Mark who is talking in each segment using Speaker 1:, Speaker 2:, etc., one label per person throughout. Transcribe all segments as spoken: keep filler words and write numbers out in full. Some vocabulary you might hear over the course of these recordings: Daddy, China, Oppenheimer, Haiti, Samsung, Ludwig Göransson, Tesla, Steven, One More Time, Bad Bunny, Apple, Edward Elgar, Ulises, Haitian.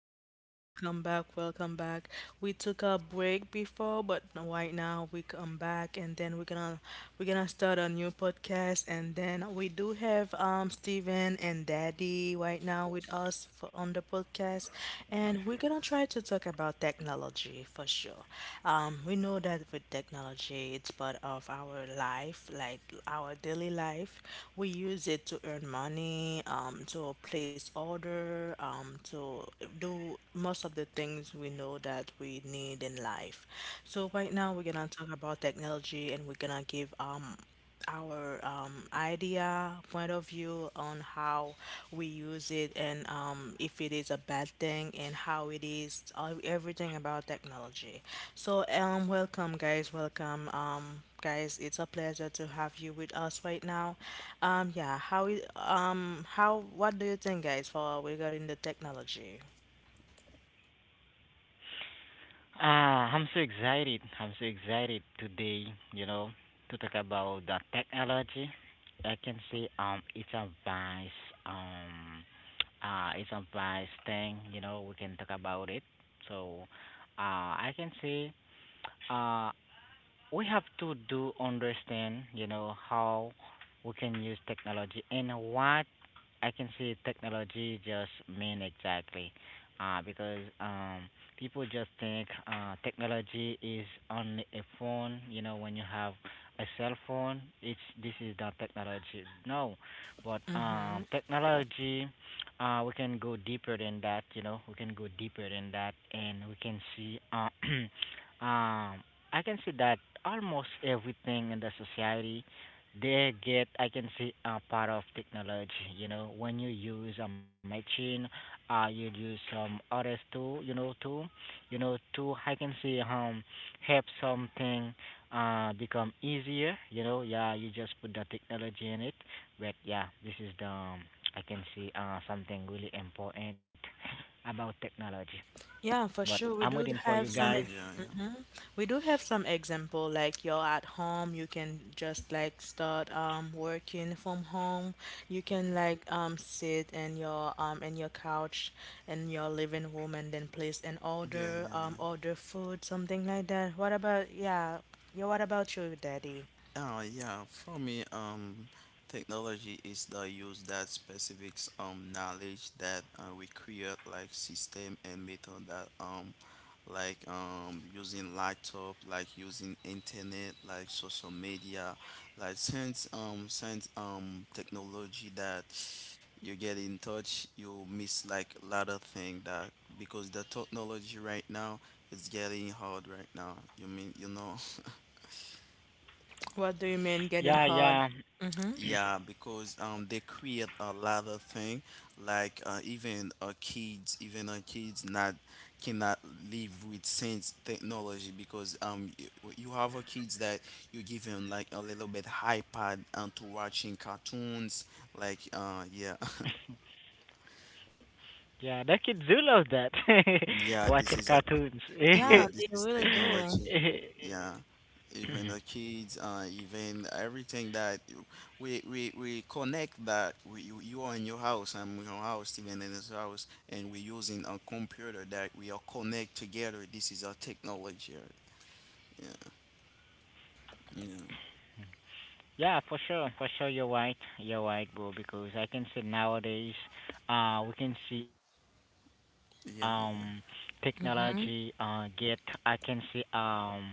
Speaker 1: welcome, welcome back, welcome back. We took a break before, but no- right now we come back and then we're gonna we're gonna start a new podcast, and then we do have um Steven and Daddy right now with us for on the podcast, and we're gonna try to talk about technology for sure. Um we know that with technology it's part of our life, like our daily life. We use it to earn money money, um, to place order, um, to do most of the things we know that we need in life. So right now we're gonna talk about technology, and we're gonna give um our um, idea point of view on how we use it, and um, if it is a bad thing, and how it is all, everything about technology. So um welcome guys, welcome um guys, it's a pleasure to have you with us right now. um, yeah, how is, um, how, what do you think, guys, for regarding the technology?
Speaker 2: Ah, I'm so excited. I'm so excited today, you know, to talk about the technology. I can say um it's a vice um uh it's a vice thing, you know, we can talk about it. So uh I can say uh we have to do understand, you know, how we can use technology and what I can see technology just mean exactly, uh, because um, people just think uh, technology is only a phone. You know, when you have a cell phone, it's this is the technology. No, but
Speaker 1: Mm-hmm.
Speaker 2: um, technology, uh, we can go deeper than that. You know, we can go deeper than that, and we can see. Uh, um, I can see that almost everything in the society they get, I can see, a part of technology. You know, when you use a machine, uh, you use some others too. You know, too. You know, too. I can see um help something uh become easier. You know, yeah. You just put the technology in it, but yeah, this is the um, I can see uh something really important about technology.
Speaker 1: Yeah, for
Speaker 2: But
Speaker 1: sure. We do
Speaker 2: I'm waiting
Speaker 1: have
Speaker 2: for you
Speaker 1: some ex
Speaker 3: Yeah,
Speaker 2: guys.
Speaker 3: yeah,
Speaker 1: mhm.
Speaker 3: yeah.
Speaker 1: We do have some example like you're at home, you can just like start um working from home. You can like um sit in your um in your couch in your living room and then place an
Speaker 3: Yeah,
Speaker 1: order,
Speaker 3: yeah,
Speaker 1: um
Speaker 3: yeah.
Speaker 1: order food, something like that. What about yeah, yeah, what about you, Daddy?
Speaker 3: Uh, yeah, for me, um, technology is the use that specifics um, knowledge that uh, we create, like system and method that um, like um, using laptop, like using internet, like social media, like since um, since um, technology that you get in touch, you miss like a lot of thing that because the technology right now is getting hard right now. You mean, you know?
Speaker 1: What do you mean getting hard?
Speaker 2: Yeah, yeah,
Speaker 1: Mm-hmm.
Speaker 3: Yeah, because um they create a lot of thing like uh, even uh, kids even uh, kids not cannot live with sense technology because um you, you have a kids that you give him like a little bit iPad and to watching cartoons like uh yeah.
Speaker 2: yeah. The kids do love that.
Speaker 3: Yeah, this
Speaker 2: Watching
Speaker 3: is.
Speaker 2: cartoons.
Speaker 1: Yeah,
Speaker 3: Yeah,
Speaker 1: they
Speaker 3: this is
Speaker 1: really do.
Speaker 3: technology. Yeah, even the kids, uh, even everything that you- we we, we connect that we, you, you are in your house, I'm in your house, Steven in his house, and we're using a computer that we all connect together. This is our technology. Yeah, yeah,
Speaker 2: Yeah, for sure, for sure. You're right. You're right, bro. Because I can see nowadays, uh, we can see um,
Speaker 3: yeah, yeah.
Speaker 2: technology uh
Speaker 1: Mm-hmm.
Speaker 2: get. I can see um,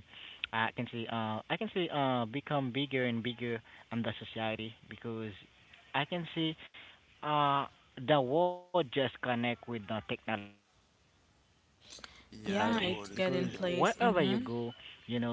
Speaker 2: I can see uh, I can see uh, become bigger and bigger in the society because I can see uh the world just connect with the technology because wherever you go,
Speaker 3: Yeah,
Speaker 1: Yeah,
Speaker 2: you
Speaker 3: the
Speaker 1: it's
Speaker 2: know,
Speaker 3: world is
Speaker 1: getting
Speaker 2: um,
Speaker 3: gonna.
Speaker 2: I can
Speaker 1: place.
Speaker 2: see on the
Speaker 1: Mm-hmm.
Speaker 2: world.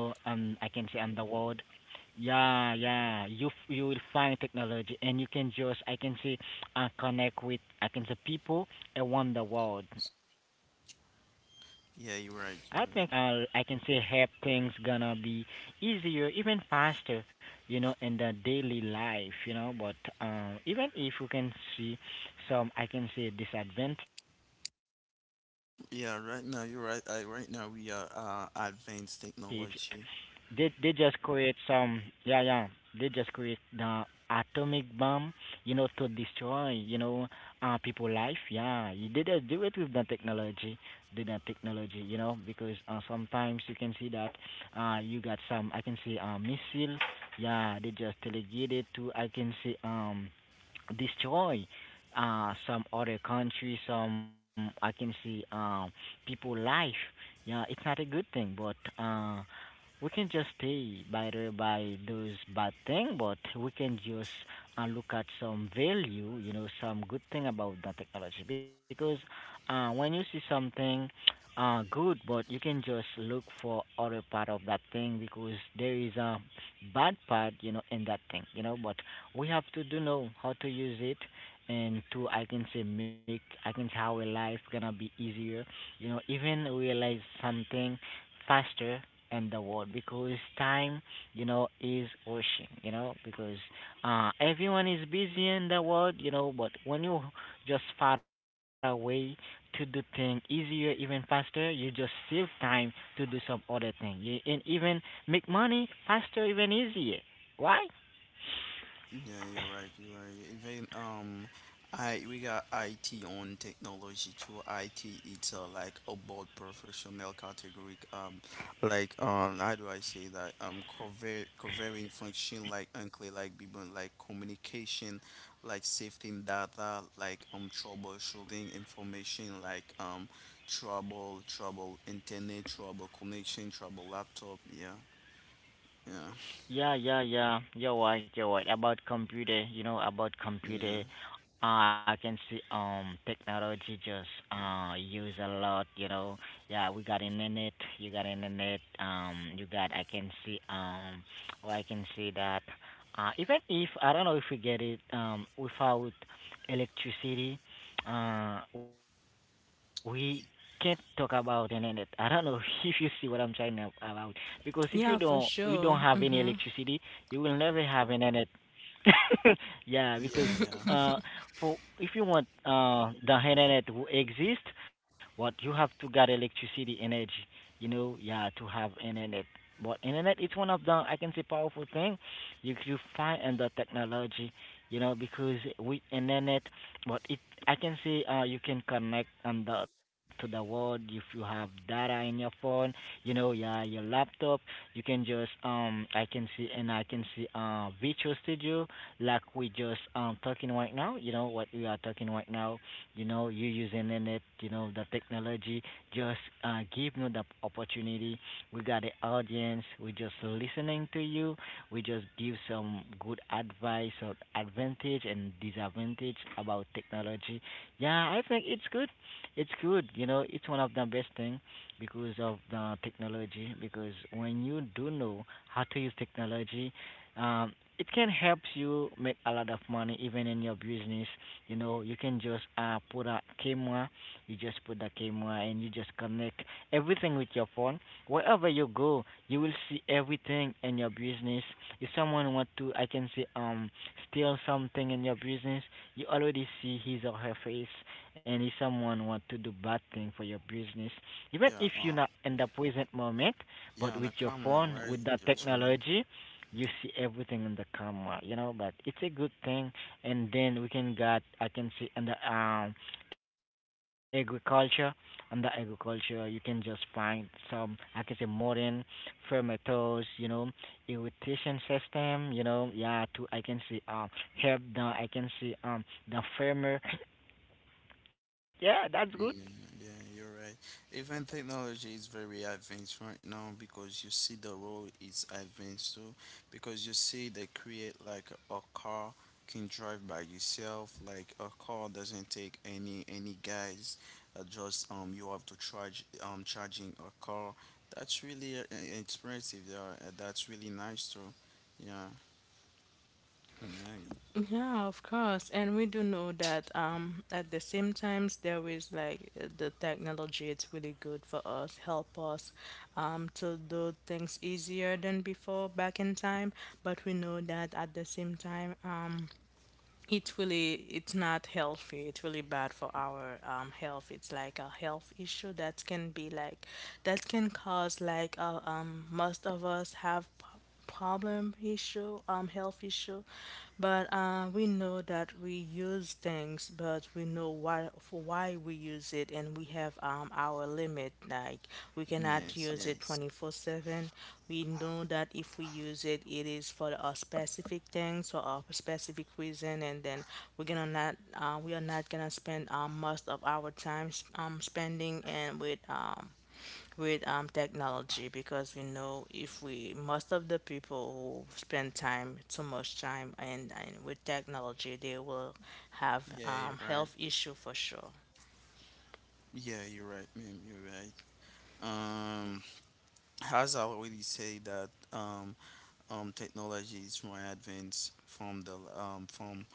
Speaker 2: Yeah, yeah. You f- you will find technology, and you can just I can see, uh, connect with I can say people around the world. I think it's one of the best thing, you know, because
Speaker 3: Yeah, you're right.
Speaker 2: technology,
Speaker 3: You're right.
Speaker 2: uh, I can say help things gonna be easier, even faster, you know, in the daily life, you know. But um, even if you can see some, I can say disadvantage in the technology, like
Speaker 3: Yeah,
Speaker 2: uh,
Speaker 3: right
Speaker 2: some
Speaker 3: now you're right.
Speaker 2: country
Speaker 3: Uh,
Speaker 2: they
Speaker 3: right now
Speaker 2: just
Speaker 3: we are
Speaker 2: create
Speaker 3: uh, advanced
Speaker 2: they they just
Speaker 3: technology.
Speaker 2: create some yeah yeah. They just create the atomic bomb, you know, to destroy, you know, uh people life. Yeah, you- they just do it with the technology, do the technology, you know, because uh, sometimes you can see that uh you got some I can see uh missile. Yeah, they just delegate it to I can see um destroy uh some other country some I can see um people life. Yeah, it's not a good thing, but uh, we can just pay by the, by those bad thing, but we can just uh, look at some value, you know, some good thing about the technology. Because uh, when you see something uh, good, but you can just look for other part of that thing because there is a bad part, you know, in that thing, you know. But we have to do know how to use it, and to I can say make I can say how our life gonna be easier, you know, even realize something faster in the world because time, you know, is rushing, you know, because uh, everyone is busy in the world, you know, but when you just find a way to do things easier, even faster, you just save time to do some other thing you, and even make money faster, even easier. Why?
Speaker 3: Yeah, you're right. You're right. Even um, I we got I T on technology too. I T it's uh, like about professional category. Um, like um, how do I say that? Um, cover covering function like unclear like people like communication, like safety and data, like um troubleshooting information, like um trouble trouble internet trouble connection trouble laptop. Yeah, yeah,
Speaker 2: Yeah, yeah, yeah. You're right, you're right. About computer, you know, about computer,
Speaker 3: yeah,
Speaker 2: uh, I can see um technology just uh use a lot, you know. Yeah, we got internet, you got internet, um you got I can see um or I can see that uh even if I don't know if we get it um without electricity, uh we can't talk about internet. I don't know if you see what I'm trying to about because if you don't
Speaker 1: Yeah, for
Speaker 2: you don't have
Speaker 1: sure.
Speaker 2: any
Speaker 1: Mm-hmm.
Speaker 2: electricity you will never have an internet. Yeah, because
Speaker 3: yeah, yeah,
Speaker 2: uh, for if you want uh, the internet to exist, what you have to get electricity energy, you know, yeah, to have internet. But internet, it's one of the I can say powerful thing you you find in the technology, you know, because with internet, but it I can say uh, you can connect on the to the world if you have data in your phone, you know, yeah, your laptop, you can just um I can see and I can see uh virtual studio like we just um talking right now, you know what we are talking right now, you know, you using in it, you know, the technology just uh give you the opportunity. We got the audience, we just listening to you, we just give some good advice or advantage and disadvantage about technology. Yeah, I think it's good. It's good, you know, it's one of the best thing because of the technology. Because when you do know how to use technology, um, it can help you make a lot of money even in your business. You know, you can just uh, put a camera, you just put the camera and you just connect everything with your phone. Wherever you go, you will see everything in your business. If someone want to, I can say, um, steal something in your business, you already see his or her face. And if someone want to do bad thing for your business, even
Speaker 3: yeah.
Speaker 2: if you're
Speaker 3: um,
Speaker 2: not in the present moment,
Speaker 3: Yeah,
Speaker 2: but
Speaker 3: on
Speaker 2: with
Speaker 3: the
Speaker 2: your
Speaker 3: camera,
Speaker 2: phone,
Speaker 3: right?
Speaker 2: with that
Speaker 3: You're true.
Speaker 2: technology, you see everything in the camera, you know. But it's a good thing. And then we can got, I can see in the um, agriculture, in the agriculture, you can just find some, I can say modern fermenters, you know, irrigation system, you know, yeah. To I can see um help the, I can see um the farmer, yeah, that's good.
Speaker 3: Yeah, yeah, you're right. Even technology is very advanced right now because you see the road is advanced too. Because you see they create like a car can drive by yourself. Like a car doesn't take any any guys. Uh, just um, you have to charge um charging a car. That's really uh, uh, expressive. Yeah, uh, that's really nice too. Yeah, yeah,
Speaker 1: Yeah, of course. And we do know that um at the same times there is like uh, the technology it's really good for us, help us um to do things easier than before back in time, but we know that at the same time um it really, it's not healthy. It's really bad for our um, health. It's like a health issue that can be like, that can cause like uh, um most of us have p- problem issue, um health issue, but uh, we know that we use things, but we know what for why we use it, and we have um, our limit, like we
Speaker 3: yeah.
Speaker 1: cannot
Speaker 3: Yes,
Speaker 1: use it
Speaker 3: yes.
Speaker 1: twenty-four seven. We know that if we use it, it is for a specific thing, so a specific reason, and then we're gonna not uh, we are not gonna spend um, most of our time s- um, spending and with um, with um, technology, because we know if we most of the people who spend time too much time and, and with technology, they will have
Speaker 3: Yeah, you're
Speaker 1: um,
Speaker 3: right.
Speaker 1: health issue for sure.
Speaker 3: Yeah, you're right, ma'am. You're right. Um, as I already say that um, um, technology is more advanced from the um, from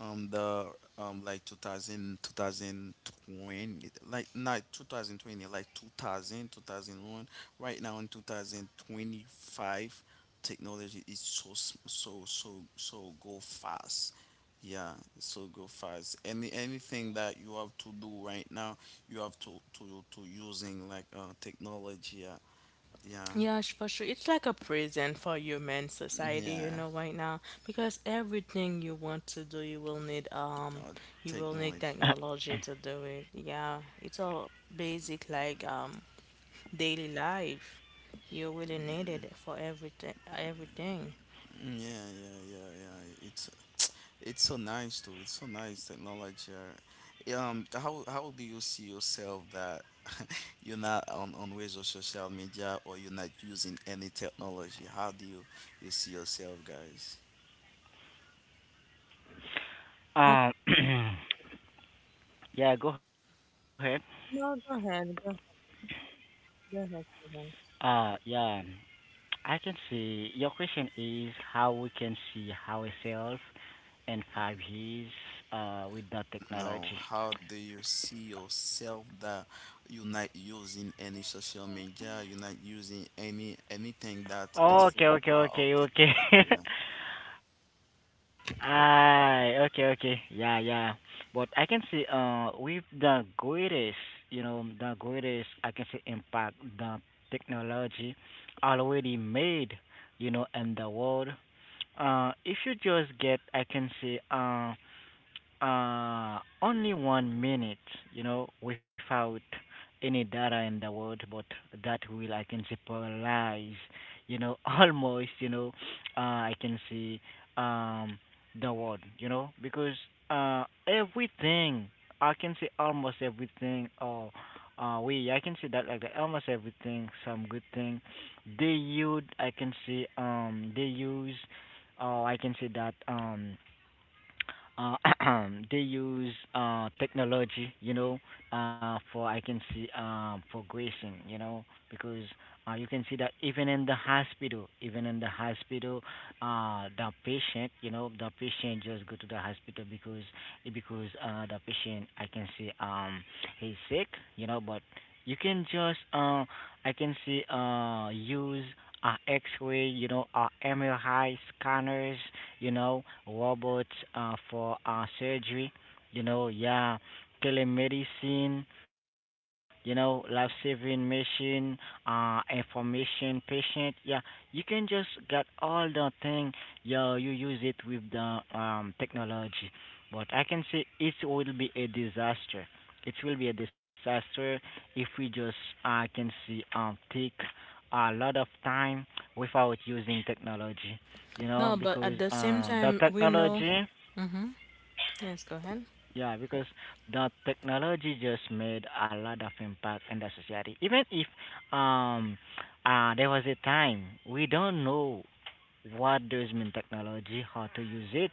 Speaker 3: um, the um, like two thousand two thousand twenty, like not twenty twenty, like two thousand two thousand one. Right now in two thousand twenty-five, technology is so s- so so so go fast. Yeah, so go fast. Any anything that you have to do right now, you have to to to using like uh technology. Yeah, yeah,
Speaker 1: Yeah, for sure. It's like a prison for human society, you
Speaker 3: yeah.
Speaker 1: know, right now, because everything you want to do, you will need um,
Speaker 3: uh,
Speaker 1: you will need
Speaker 3: Technology.
Speaker 1: technology to do it. Yeah, it's all basic like um daily life. You really need it for everything. Everything.
Speaker 3: Mm, yeah, yeah, yeah, yeah. It's it's so nice too. It's so nice technology. uh, Um, how how do you see yourself that you're not on on ways of social media, or you're not using any technology? How do you you see yourself, guys?
Speaker 1: Uh,
Speaker 2: um. Yeah, go ahead.
Speaker 1: no, go ahead. Go, go ahead, Steven.
Speaker 2: Uh, yeah, I can see your question is how we can see ourselves in five years uh, with no
Speaker 3: No,
Speaker 2: technology.
Speaker 3: how do you see yourself that you're not using any social media? You're not using any anything that it's
Speaker 2: Okay,
Speaker 3: for
Speaker 2: okay,
Speaker 3: part
Speaker 2: okay,
Speaker 3: of
Speaker 2: okay.
Speaker 3: technology. Yeah.
Speaker 2: Ah, okay, okay. Yeah, yeah. But I can see uh with the greatest, you know, the greatest I can see impact the technology already made, you know, in the world. Uh, if you just get, I can say, uh, uh, only one minute, you know, without any data in the world, but that will I can say paralyze, you know, almost, you know, uh, I can see um the world, you know, because uh everything I can see almost everything or uh we I can see that like that, almost everything, some good thing. They use I can see um they use or I can say that um uh, they use uh, technology, you know, uh, for I can see um, for gracing, you know, because uh, you can see that even in the hospital, even in the hospital, uh, the patient, you know, the patient just go to the hospital because because uh, the patient I can see um he's sick, you know, but you can just uh, I can see uh, use uh, X-ray, you know, uh, M R I scanners, you know, robots, uh, for uh, surgery, you know, yeah, telemedicine, you know, life saving machine, uh, information patient, yeah, you can just get all the thing, yeah, you use it with the um, technology. But I can say it will be a disaster. It will be a disaster if we just uh, can see um take a lot of time without using technology, you know,
Speaker 1: No, but
Speaker 2: because
Speaker 1: at the same
Speaker 2: uh, the
Speaker 1: time, we know.
Speaker 2: technology,
Speaker 1: Mm-hmm. Yes, go ahead.
Speaker 2: yeah, because the technology just made a lot of impact in the society. Even if um, uh, there was a time we don't know what does mean technology, how to use it.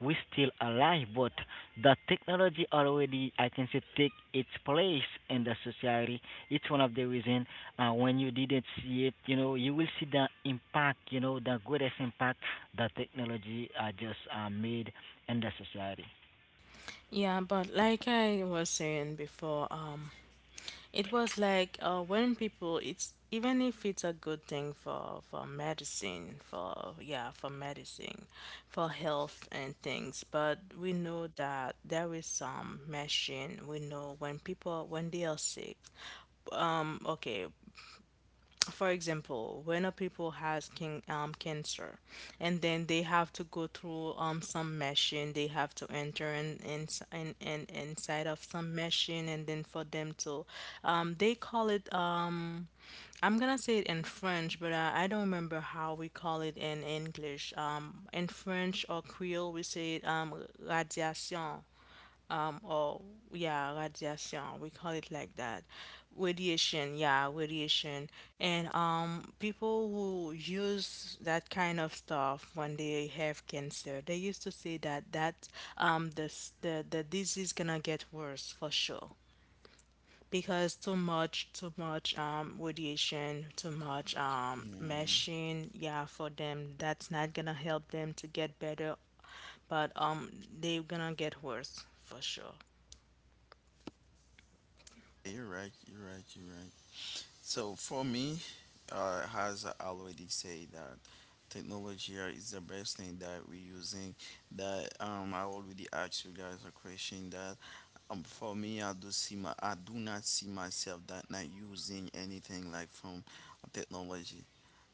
Speaker 2: We still alive, but the technology already, I can say, take its place in the society. It's one of the reason uh, when you didn't see it, you know, you will see the impact, you know, the greatest impact that technology uh, just uh, made in the society.
Speaker 1: Yeah, but like I was saying before, um, it was like uh, when people, it's even if it's a good thing for for medicine, for yeah, for medicine, for health and things, but we know that there is some machine. We know when people when they are sick, um okay, for example, when a people has can, um, cancer, and then they have to go through um, some machine, they have to enter in, in, in, in inside of some machine, and then for them to, um, they call it um, I'm gonna say it in French, but uh, I don't remember how we call it in English. Um, in French or Creole, we say it um, radiation, um or yeah radiation, we call it like that. Radiation, yeah, radiation. And um people who use that kind of stuff when they have cancer, they used to say that that um the s- the, the disease gonna get worse for sure, because too much too much um radiation, too much um
Speaker 3: Mm,
Speaker 1: machine. Yeah, for them, that's not gonna help them to get better, but um they're gonna get worse for sure.
Speaker 3: you're right. You're right. You're right. So for me, uh, as I already say that technology are- is the best thing that we're using. That um, I already asked you guys a question that um, for me, I do see my, I do not see myself that not using anything like from technology.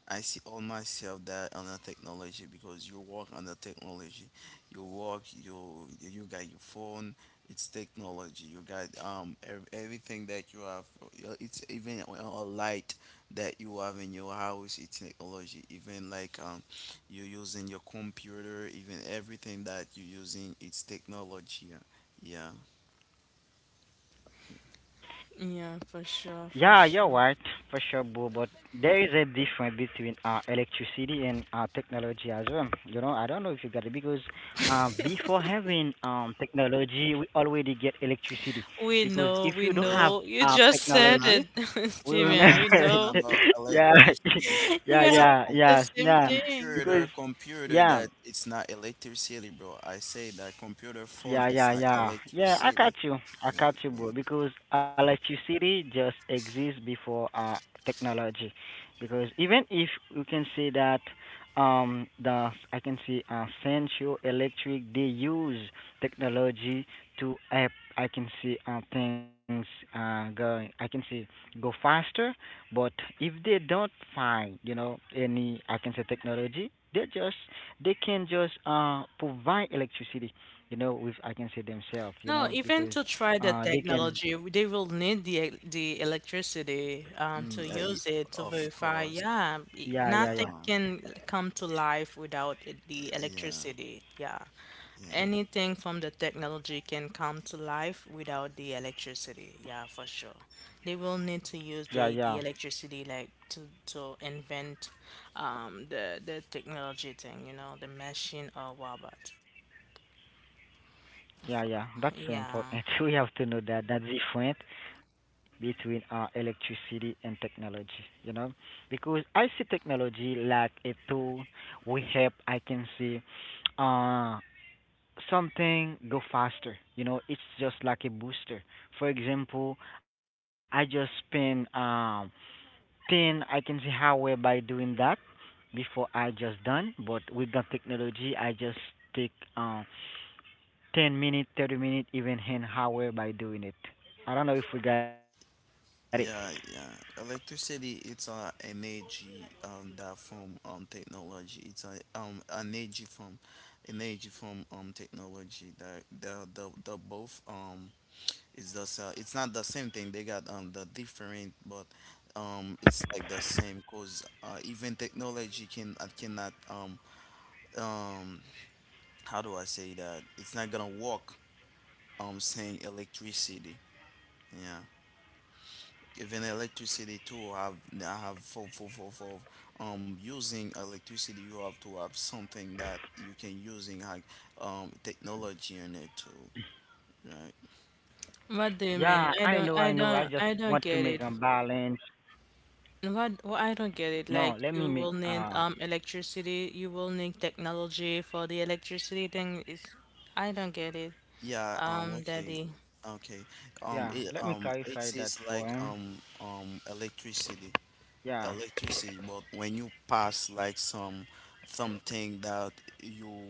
Speaker 3: I see all myself that on the technology because you work on the technology, you work you you got your phone. It's technology. You got um ev- everything that you have. uh, It's even a a light that you have in your house. It's technology. Even like um you're using your computer. Even everything that you're using, it's technology. Yeah. Yeah.
Speaker 1: Yeah, for sure, for
Speaker 2: Yeah, you're
Speaker 1: sure.
Speaker 2: right, for sure, Boo, but there is a difference between uh, electricity and uh, technology as well. You know, I don't know if you got it because uh, before having um, technology, we already get electricity.
Speaker 1: We know,
Speaker 2: Because
Speaker 1: we
Speaker 2: if you don't
Speaker 3: Please,
Speaker 1: know.
Speaker 2: have
Speaker 1: You
Speaker 2: uh,
Speaker 1: just
Speaker 3: I'm
Speaker 1: said
Speaker 3: not.
Speaker 1: it,
Speaker 2: technology, we
Speaker 3: I'm
Speaker 2: will
Speaker 1: Steven.
Speaker 3: not
Speaker 1: We
Speaker 3: talking
Speaker 2: never.
Speaker 1: know.
Speaker 3: about
Speaker 2: Yeah,
Speaker 3: electricity. I
Speaker 1: You're
Speaker 2: yeah,
Speaker 1: gonna
Speaker 3: said,
Speaker 2: yeah,
Speaker 1: repeat the
Speaker 2: yeah,
Speaker 1: same
Speaker 2: yeah.
Speaker 1: thing.
Speaker 3: Computer,
Speaker 2: Because,
Speaker 3: computer that
Speaker 2: yeah.
Speaker 3: it's not electricity, bro. I say that computer phone
Speaker 2: Yeah,
Speaker 3: it's
Speaker 2: yeah,
Speaker 3: not
Speaker 2: yeah. Yeah, I
Speaker 3: electricity.
Speaker 2: catch you. I
Speaker 3: Yeah,
Speaker 2: catch you,
Speaker 3: yeah.
Speaker 2: bro. Because electricity just exists before uh technology. Because even if you can say that um the I can see uh central electric they use technology to uh, I can see uh, things uh going I can see go faster, but if they don't find you know any I can say technology they just they can just uh provide electricity, you know, with I can say themselves,
Speaker 1: No,
Speaker 2: you know,
Speaker 1: even to
Speaker 2: because
Speaker 1: try the
Speaker 2: uh they
Speaker 1: technology,
Speaker 2: can.
Speaker 1: w- they will need the e- the electricity um,
Speaker 3: Mm,
Speaker 1: to
Speaker 3: yeah, yeah,
Speaker 1: use it to
Speaker 3: of
Speaker 1: verify.
Speaker 3: course.
Speaker 1: Yeah, i-
Speaker 2: Yeah,
Speaker 1: nothing
Speaker 2: yeah,
Speaker 3: Uh,
Speaker 2: yeah.
Speaker 1: can come to life without it, the
Speaker 3: yeah,
Speaker 1: electricity. Yeah,
Speaker 3: yeah,
Speaker 1: anything from the technology can come to life without the electricity. Yeah, for sure. They will need to use the,
Speaker 2: Yeah,
Speaker 1: the
Speaker 2: yeah.
Speaker 1: electricity like to to invent um, the the technology thing, you know, the machine or robot.
Speaker 2: Yeah, yeah. That's so
Speaker 1: Yeah.
Speaker 2: important. we have to know that that's different between uh electricity and technology, you know? Because I see technology like a tool we help I can see uh something go faster. You know, it's just like a booster. For example, I just spend um Then I can see how we're by doing that before I just done. But with the technology, I just take uh, ten minute, thirty minute, even an hour by doing it. I don't know if we got it.
Speaker 3: yeah, yeah. Electricity, it's a energy um that from um technology. It's a um energy from energy from um technology that the the the both. Um It's just uh, it's not the same thing. They got um the different, but um it's like the same. Cause uh, even technology can uh, cannot um um how do I say that? It's not gonna work. Um, saying electricity. Yeah, even electricity too. Have I have for for for for um using electricity, you have to have something that you can using like um technology in it too. Right.
Speaker 1: What do you
Speaker 2: Yeah,
Speaker 1: mean?
Speaker 2: I
Speaker 1: I
Speaker 2: know,
Speaker 1: don't,
Speaker 2: I
Speaker 1: I
Speaker 2: know. I just
Speaker 1: don't, I
Speaker 2: want
Speaker 1: don't
Speaker 2: to make
Speaker 1: get
Speaker 2: a
Speaker 1: it.
Speaker 2: balance.
Speaker 1: What, what I don't get it.
Speaker 2: No,
Speaker 1: Like
Speaker 2: let me
Speaker 1: you
Speaker 2: make
Speaker 1: will need
Speaker 2: uh
Speaker 1: um electricity, you will need technology for the electricity thing. Is I don't get it.
Speaker 3: Yeah, um,
Speaker 1: Um,
Speaker 3: okay,
Speaker 1: Daddy,
Speaker 3: okay.
Speaker 2: yeah, let me
Speaker 3: Um, it
Speaker 2: clarify
Speaker 3: um
Speaker 2: that
Speaker 3: it
Speaker 2: for
Speaker 3: is
Speaker 2: him.
Speaker 3: like um um electricity,
Speaker 2: Yeah.
Speaker 3: electricity. But when you pass like some something that you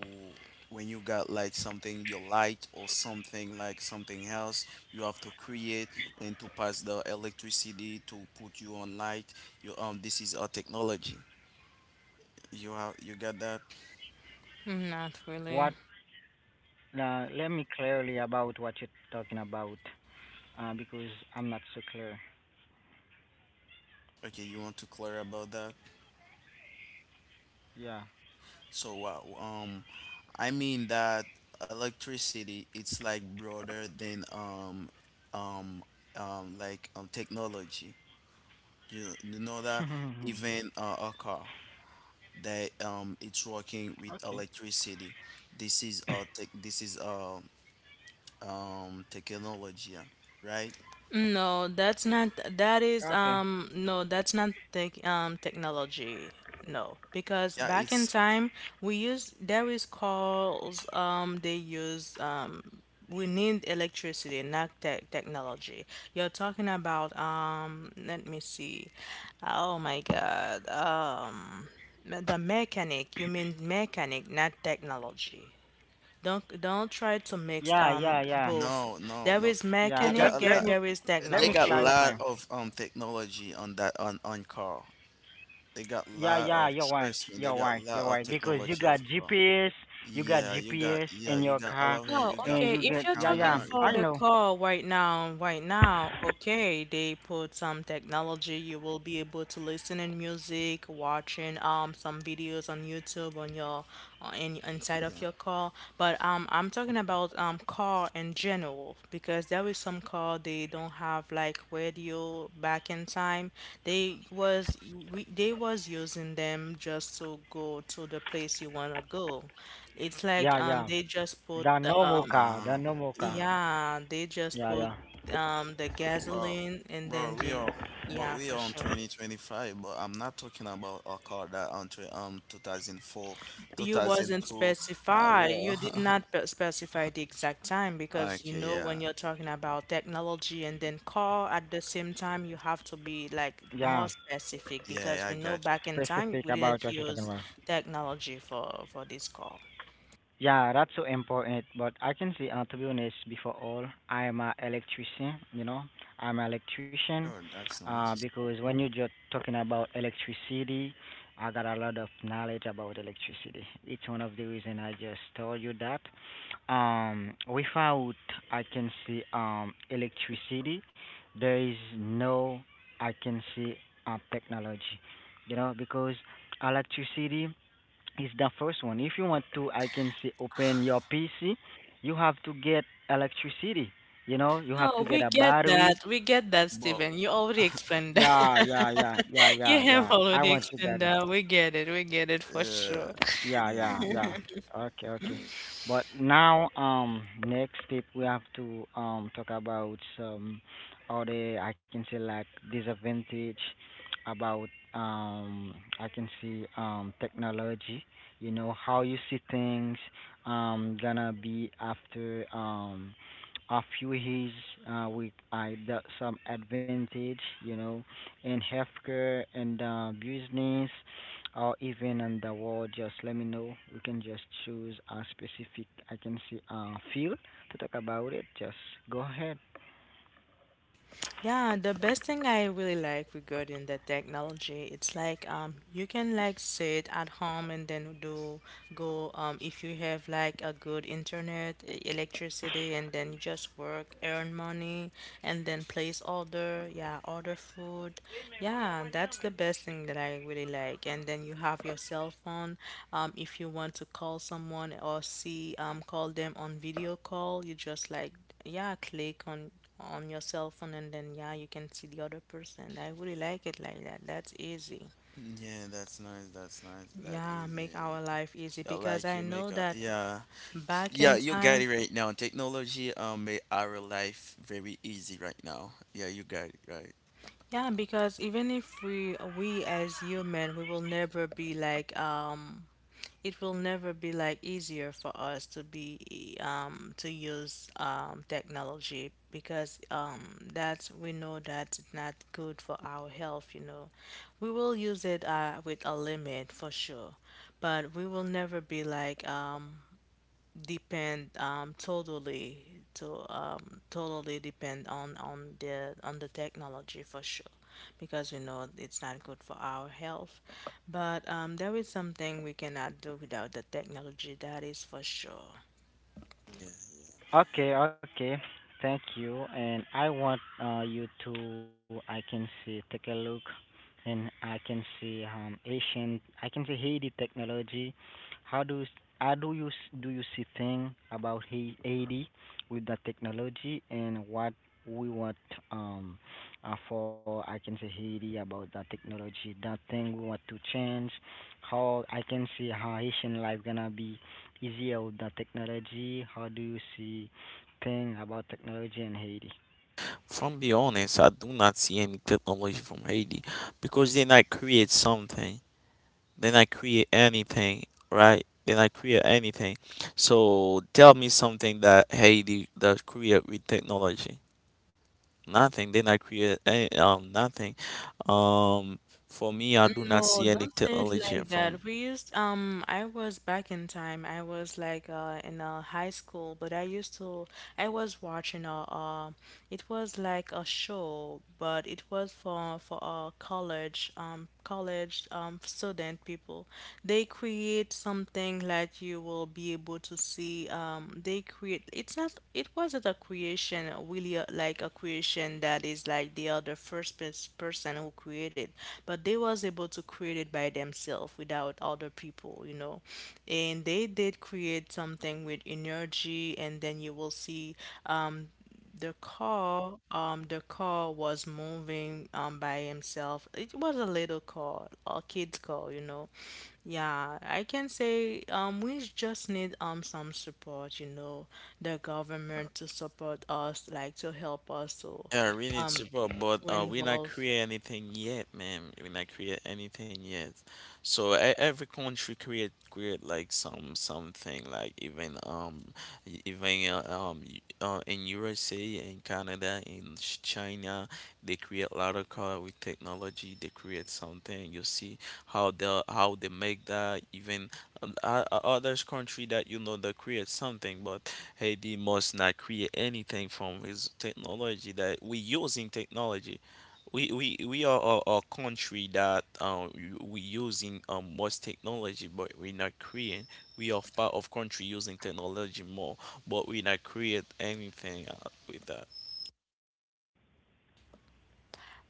Speaker 3: when you got like something your light or something like something else, you have to create and to pass the electricity to put you on light. You um This is a technology. You have you got that?
Speaker 1: not
Speaker 2: What
Speaker 1: really.
Speaker 2: uh, let me clearly about what you're talking about. Uh because I'm not so clear.
Speaker 3: Okay, you want to clear about that?
Speaker 2: Yeah.
Speaker 3: So wow. Um, I mean that electricity. It's like broader than um, um, um, like um, technology. You, you know that even uh, a car that um, it's working with
Speaker 2: okay.
Speaker 3: electricity. This is uh, tech. This is uh, um, technology, yeah, right?
Speaker 1: No, that's not that
Speaker 2: Okay.
Speaker 1: is um no, that's not tech um technology. No, because
Speaker 3: Yeah,
Speaker 1: back in
Speaker 3: it's
Speaker 1: time we use there is calls um they use um we need electricity, not tech technology. You're talking about um let me see. Oh my God. Um the mechanic, you mean mechanic, not technology. Don't don't try to
Speaker 2: Yeah,
Speaker 1: mix
Speaker 2: yeah,
Speaker 1: um
Speaker 2: yeah,
Speaker 1: both.
Speaker 3: no, no,
Speaker 1: There
Speaker 3: no.
Speaker 1: is
Speaker 2: yeah. Let
Speaker 3: They got
Speaker 2: let
Speaker 1: mechanic,
Speaker 3: a
Speaker 2: me
Speaker 1: there,
Speaker 3: lot.
Speaker 1: there is
Speaker 2: let me
Speaker 3: They got a
Speaker 1: technology.
Speaker 2: clarify.
Speaker 3: lot of um technology on that on on car. They got
Speaker 2: Yeah,
Speaker 3: lot
Speaker 2: yeah, you're
Speaker 3: of,
Speaker 2: right.
Speaker 3: trust me.
Speaker 2: You're
Speaker 3: They
Speaker 2: right.
Speaker 3: got
Speaker 2: You're
Speaker 3: lot
Speaker 2: right.
Speaker 3: of
Speaker 2: Because you
Speaker 3: technology,
Speaker 2: got
Speaker 3: of car.
Speaker 2: GPS, you
Speaker 3: Yeah,
Speaker 2: got
Speaker 3: you got
Speaker 2: GPS
Speaker 3: yeah,
Speaker 2: in
Speaker 3: you
Speaker 2: your
Speaker 3: got all
Speaker 2: car,
Speaker 3: of it.
Speaker 1: Oh,
Speaker 3: You got
Speaker 1: okay.
Speaker 2: and you
Speaker 1: If you're
Speaker 2: get
Speaker 3: a
Speaker 2: yeah,
Speaker 1: talking
Speaker 3: camera.
Speaker 2: yeah.
Speaker 3: You
Speaker 1: for
Speaker 3: got
Speaker 1: the
Speaker 2: I know.
Speaker 1: car right now, right now, okay, they put some technology. You will be able to listen in music, watching um some videos on YouTube on your uh, in inside
Speaker 3: Yeah.
Speaker 1: of your car. But um, I'm talking about um car in general, because there is some car they don't have like radio back in time. They was we, they was using them just to go to the place you wanna go. It's like
Speaker 2: Yeah,
Speaker 1: um
Speaker 2: yeah.
Speaker 1: they just put
Speaker 2: The
Speaker 1: um
Speaker 2: normal car,
Speaker 3: Uh
Speaker 2: the normal
Speaker 3: yeah,
Speaker 2: car.
Speaker 1: yeah, they just put
Speaker 2: Yeah, yeah,
Speaker 1: um the
Speaker 3: bro,
Speaker 1: gasoline, and
Speaker 3: bro.
Speaker 1: then
Speaker 3: We are,
Speaker 1: they
Speaker 3: but
Speaker 1: yeah,
Speaker 3: we
Speaker 1: for
Speaker 3: are on
Speaker 1: sure.
Speaker 3: twenty twenty five. But I'm not talking about a car that on tw um two thousand four, two
Speaker 1: You
Speaker 3: thousand
Speaker 1: wasn't
Speaker 3: two. Uh,
Speaker 1: specify. You
Speaker 3: yeah.
Speaker 1: did not pe- specify the exact time, because you
Speaker 3: Okay.
Speaker 1: know when
Speaker 3: Yeah.
Speaker 1: you're talking about technology and then car at the same time, you have to be like
Speaker 2: yeah.
Speaker 1: more specific,
Speaker 3: Yeah.
Speaker 1: because
Speaker 3: I
Speaker 1: we know
Speaker 3: got you.
Speaker 1: back in
Speaker 2: Specific
Speaker 1: time we
Speaker 2: about
Speaker 1: didn't
Speaker 2: what you're talking
Speaker 1: use
Speaker 2: about.
Speaker 1: technology for for this call.
Speaker 2: Yeah, that's so important. But I can say, uh, to be honest, before all, I am a electrician. You know, I'm an electrician.
Speaker 3: Sure, that's
Speaker 2: Uh,
Speaker 3: nice.
Speaker 2: because when you're just talking about electricity, I got a lot of knowledge about electricity. It's one of the reason I just told you that. Um, without I can see um electricity, there is no I can see uh, technology. You know, because electricity is the first one. If you want to, I can see open your P C. You have to get electricity. You know, you have
Speaker 1: No,
Speaker 2: to get
Speaker 1: we
Speaker 2: a
Speaker 1: get
Speaker 2: battery.
Speaker 1: that. We get that,
Speaker 3: But
Speaker 1: Stephen. You already explained
Speaker 2: Yeah, yeah, yeah, yeah,
Speaker 1: you
Speaker 2: yeah, yeah.
Speaker 1: have
Speaker 2: I
Speaker 1: already
Speaker 2: want to get
Speaker 1: explained
Speaker 2: it.
Speaker 1: that. We get it. We get it for
Speaker 3: yeah,
Speaker 1: sure.
Speaker 2: Yeah,
Speaker 3: yeah,
Speaker 2: yeah, yeah. Okay, okay. But now, um, next step we have to um talk about some other I can say like disadvantage about um I can see um technology. You know how you see things um gonna be after um a few years uh, with I got some advantage. You know, in healthcare and uh, business or even on the wall, just let me know. We can just choose a specific, I can see, uh, field to talk about it. Just go ahead.
Speaker 1: Yeah, the best thing I really like regarding the technology, it's like um you can like sit at home and then do go um if you have like a good internet, e- electricity, and then you just work, earn money, and then place order, yeah, order food. Yeah, that's the best thing that I really like. And then you have your cell phone. Um if you want to call someone or see um call them on video call, you just like yeah, click on on your cell phone, and then yeah you can see the other person. I really like it like that, that's easy.
Speaker 3: yeah. That's nice. That's nice. That
Speaker 1: Yeah,
Speaker 3: is
Speaker 1: make
Speaker 3: it.
Speaker 1: our life easy,
Speaker 3: Yeah,
Speaker 1: because
Speaker 3: like
Speaker 1: I
Speaker 3: you make
Speaker 1: know
Speaker 3: a,
Speaker 1: that
Speaker 3: yeah,
Speaker 1: back
Speaker 3: yeah,
Speaker 1: in
Speaker 3: you got
Speaker 1: time,
Speaker 3: it right now. Technology um made our life very easy right now. Yeah, you got it right.
Speaker 1: yeah, because even if we we as human we will never be like um it will never be like easier for us to be um, to use um, technology, because um, that we know that's not good for our health, you know, we will use it uh, with a limit for sure, but we will never be like um, depend um, totally to um, totally depend on on the on the technology for sure, because we know it's not good for our health. But um, there is something we cannot do without the technology, that is for sure.
Speaker 3: Yeah.
Speaker 2: Okay, okay. Thank you. And I want uh, you to, I can see, take a look, and I can see um Asian, I can see Haiti technology. How do s- how do you s- do you see thing about Hai- Haiti with the technology, and what we want um uh, for I can say Haiti about the technology, that thing we want to change, how I can see how Haitian life gonna be E Z L, the technology. How do you see thing about technology in Haiti?
Speaker 3: From be honest, I do not see any technology from Haiti because then I create something, then I create anything, right? Then I create anything. So tell me something that Haiti does create with technology. Nothing. Then I create any, um nothing. Um, for me, I do not
Speaker 1: No,
Speaker 3: see any
Speaker 1: don't say it
Speaker 3: technology
Speaker 1: like that.
Speaker 3: from.
Speaker 1: We used um I was back in time. I was like uh in uh, high school, but I used to I was watching a uh it was like a show, but it was for for uh college um college um student people. They create something like you you will be able to see um they create it's not it wasn't a creation uh, really uh, like a creation that is like they are the first pers- person who created, but they was able to create it by themselves without other people, you know, and they did create something with energy, and then you will see um the car, um, the car was moving um by himself. It was a little car, a kid's car, you know. Yeah, I can say um we just need um some support, you know, the government to support us, like to help us to
Speaker 3: Yeah, we need support, but
Speaker 1: to
Speaker 3: uh, we not
Speaker 1: involve.
Speaker 3: create anything yet, man. We not create anything yet. So e- every country create create like some something like even um e- even uh, um y- uh, in U S A, in Canada, in Ch- China, they create a lot of car with technology. They create something. You see how they how they make that, even um, o- o- others country that you know they create something, but hey, must not create anything from his technology that we using technology. We, we, we are a, a country that um, we using um, most technology, but we're not creating. We are part of country using technology more, but we not create anything uh, with that.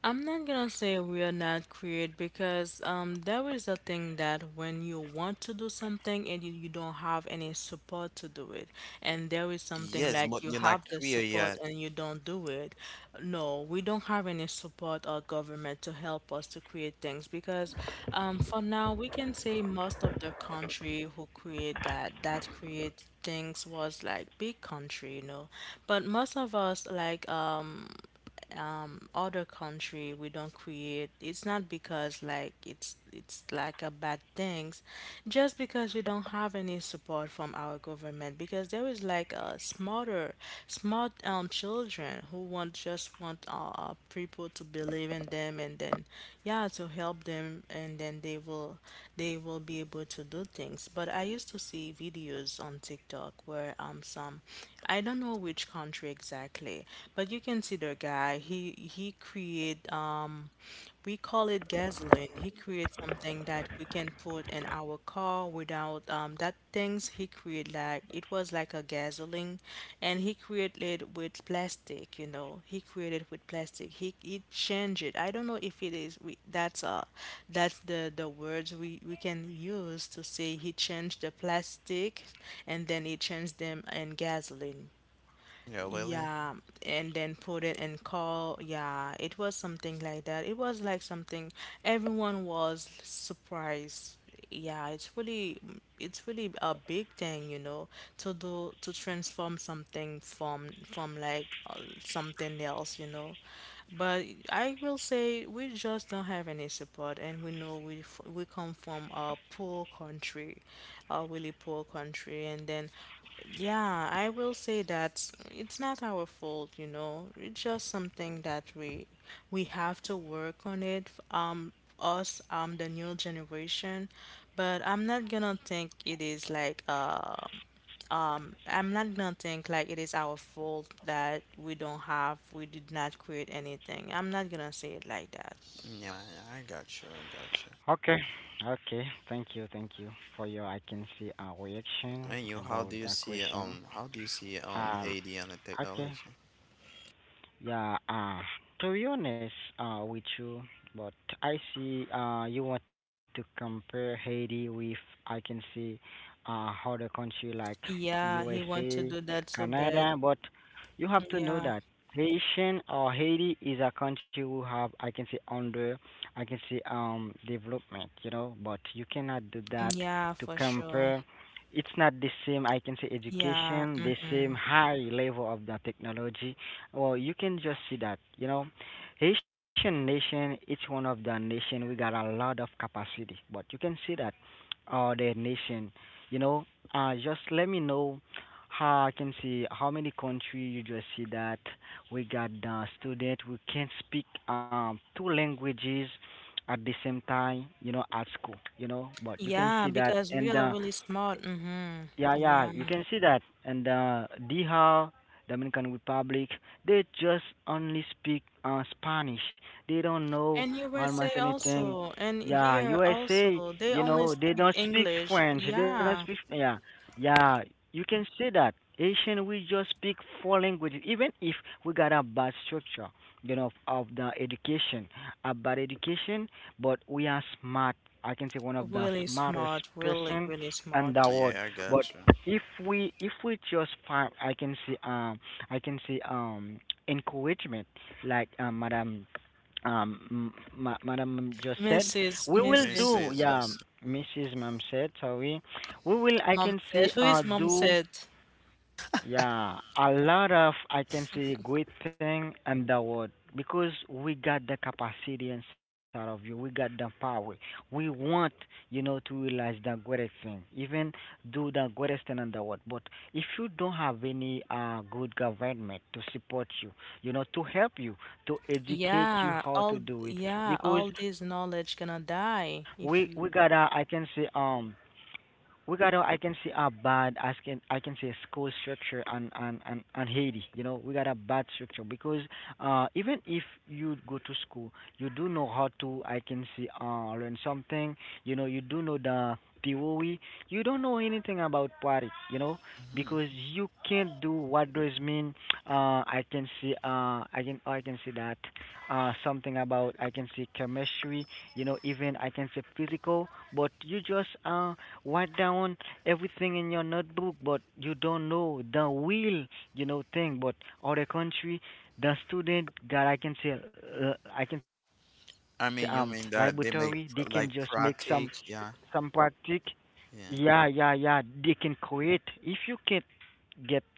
Speaker 1: I'm not gonna say we are not creative, because um there is a thing that when you want to do something and you, you don't have any support to do it, and there is something
Speaker 3: Yes,
Speaker 1: like
Speaker 3: but
Speaker 1: you
Speaker 3: you're not
Speaker 1: have the
Speaker 3: clear
Speaker 1: support
Speaker 3: yet.
Speaker 1: and you don't do it. No, we don't have any support or government to help us to create things, because um for now we can say most of the country who create that that create things was like big country, you know. But most of us like um um other country we don't create, it's not because like it's it's like a bad things, just because we don't have any support from our government, because there is like a smarter smart um children who want just want uh people to believe in them, and then yeah, to help them, and then they will they will be able to do things. But I used to see videos on TikTok where um some, I don't know which country exactly, but you can see the guy. He he create um we call it gasoline. He creates something that we can put in our car without um that things he create, like it was like a gasoline, and he created it with plastic, you know. He created with plastic. He he changed it. I don't know if it is we that's uh that's the the words we we can use to say he changed the plastic, and then he changed them in gasoline.
Speaker 3: Yeah, really?
Speaker 1: Yeah, and then put it in call. Yeah, it was something like that. It was like something everyone was surprised. Yeah, it's really it's really a big thing, you know, to do, to transform something from from like uh, something else, you know. But I will say we just don't have any support, and we know we f- we come from a poor country, a really poor country, and then yeah, I will say that it's not our fault, you know. It's just something that we we have to work on it. Um, us, um, the new generation. But I'm not gonna think it is like uh um I'm not gonna think like it is our fault that we don't have we did not create anything. I'm not gonna say it like that.
Speaker 3: Yeah, I got you. I got you.
Speaker 2: Okay, okay. Thank you, thank you for your. I can see a reaction
Speaker 3: And you,
Speaker 2: about
Speaker 3: how do you
Speaker 2: that
Speaker 3: see
Speaker 2: question.
Speaker 3: um, how do you see um
Speaker 2: Um,
Speaker 3: Haiti and the
Speaker 2: okay.
Speaker 3: technology?
Speaker 2: Yeah, uh, to be honest uh, with you, but I see uh, you want to compare Haiti with, I can see, uh, other country like
Speaker 1: Yeah, he want
Speaker 2: U S A,
Speaker 1: to do that so
Speaker 2: Canada,
Speaker 1: bad.
Speaker 2: but you have to know
Speaker 1: Yeah,
Speaker 2: that Haitian or Haiti is a country who have, I can say, under, I can say, um, development, you know, but you cannot do that
Speaker 1: yeah,
Speaker 2: to
Speaker 1: for sure.
Speaker 2: compare. It's not the same, I can say,
Speaker 1: Yeah,
Speaker 2: education, the same
Speaker 1: mhm.
Speaker 2: high level of the technology. Well, you can just see that, you know, Haitian nation, each one of the nation, we got a lot of capacity, but you can see that, uh, the nation, you know, uh, just let me know how I can see how many country you just see that we got the student we can speak um two languages at the same time, you know, at school, you know, but you can
Speaker 1: Yeah,
Speaker 2: see that,
Speaker 1: because we
Speaker 2: and
Speaker 1: are
Speaker 2: uh,
Speaker 1: really smart.
Speaker 2: yeah,
Speaker 1: Mm-hmm.
Speaker 2: yeah,
Speaker 1: Yeah.
Speaker 2: you can see that. And uh, Dija, Dominican Republic, they just only speak uh, Spanish. They don't know
Speaker 1: And
Speaker 2: almost
Speaker 1: U S A
Speaker 2: anything.
Speaker 1: also, and
Speaker 2: Yeah,
Speaker 1: here
Speaker 2: U S A,
Speaker 1: also, they
Speaker 2: you
Speaker 1: only
Speaker 2: know, they
Speaker 1: speak
Speaker 2: don't speak
Speaker 1: English.
Speaker 2: French. They don't
Speaker 1: Yeah.
Speaker 2: speak. Yeah, yeah, you can see that. Asian, we just speak four languages, even if we got a bad structure, you know, of the education, a bad education, but we are smart. I can say one of the
Speaker 1: Really
Speaker 2: smartest
Speaker 1: smart, really,
Speaker 2: person
Speaker 1: really smart.
Speaker 2: in the world.
Speaker 3: Yeah, I
Speaker 2: But
Speaker 3: got you.
Speaker 2: if we if we just find I can see um I can see um encouragement like um madam um m- ma- madam just said,
Speaker 1: Missus
Speaker 2: we will
Speaker 1: Missus
Speaker 2: do.
Speaker 3: missus
Speaker 2: Yeah,
Speaker 3: missus
Speaker 2: mrs mom said, sorry, we will I
Speaker 1: Mom
Speaker 2: can
Speaker 1: said,
Speaker 2: see
Speaker 1: who is
Speaker 2: uh
Speaker 1: mom
Speaker 2: do
Speaker 1: said?
Speaker 2: yeah, a lot of I can say great thing and the word, because we got the capacity inside of you. We got the power. We want, you know, to realize the greatest thing, even do the greatest thing in the world. But if you don't have any uh good government to support you, you know, to help you, to
Speaker 1: Yeah,
Speaker 2: educate you
Speaker 1: all
Speaker 2: how to do it,
Speaker 1: yeah, all
Speaker 2: because
Speaker 1: this
Speaker 2: we
Speaker 1: knowledge
Speaker 2: we
Speaker 1: gonna
Speaker 2: got a I
Speaker 1: die
Speaker 2: can say
Speaker 1: if you.
Speaker 2: um we gotta I can see a bad I can I can say school structure on on on, on Haiti. You know, we got a bad structure because uh even if you go to school, you do know how to I can see uh learn something. You know, you do know the theory. You don't know anything about Poiric, you know, because you
Speaker 3: Mhm.
Speaker 2: can't do what those mean. Uh, I can see uh I can I can see that uh something about I can see chemistry, you know, even I can say physical, but you just uh write down everything in your notebook, but you don't know the real, you know, thing. But other country, the student that I can say, uh, I can say um
Speaker 3: I mean,
Speaker 2: laboratory,
Speaker 3: you
Speaker 2: they
Speaker 3: mean
Speaker 2: can
Speaker 3: that
Speaker 2: just
Speaker 3: they
Speaker 2: make
Speaker 3: make pr-
Speaker 2: some
Speaker 3: like
Speaker 2: some
Speaker 3: pratique?
Speaker 2: practice.
Speaker 3: Yeah,
Speaker 2: Yeah, yeah,
Speaker 3: yeah.
Speaker 2: yeah, they can create if you can get comes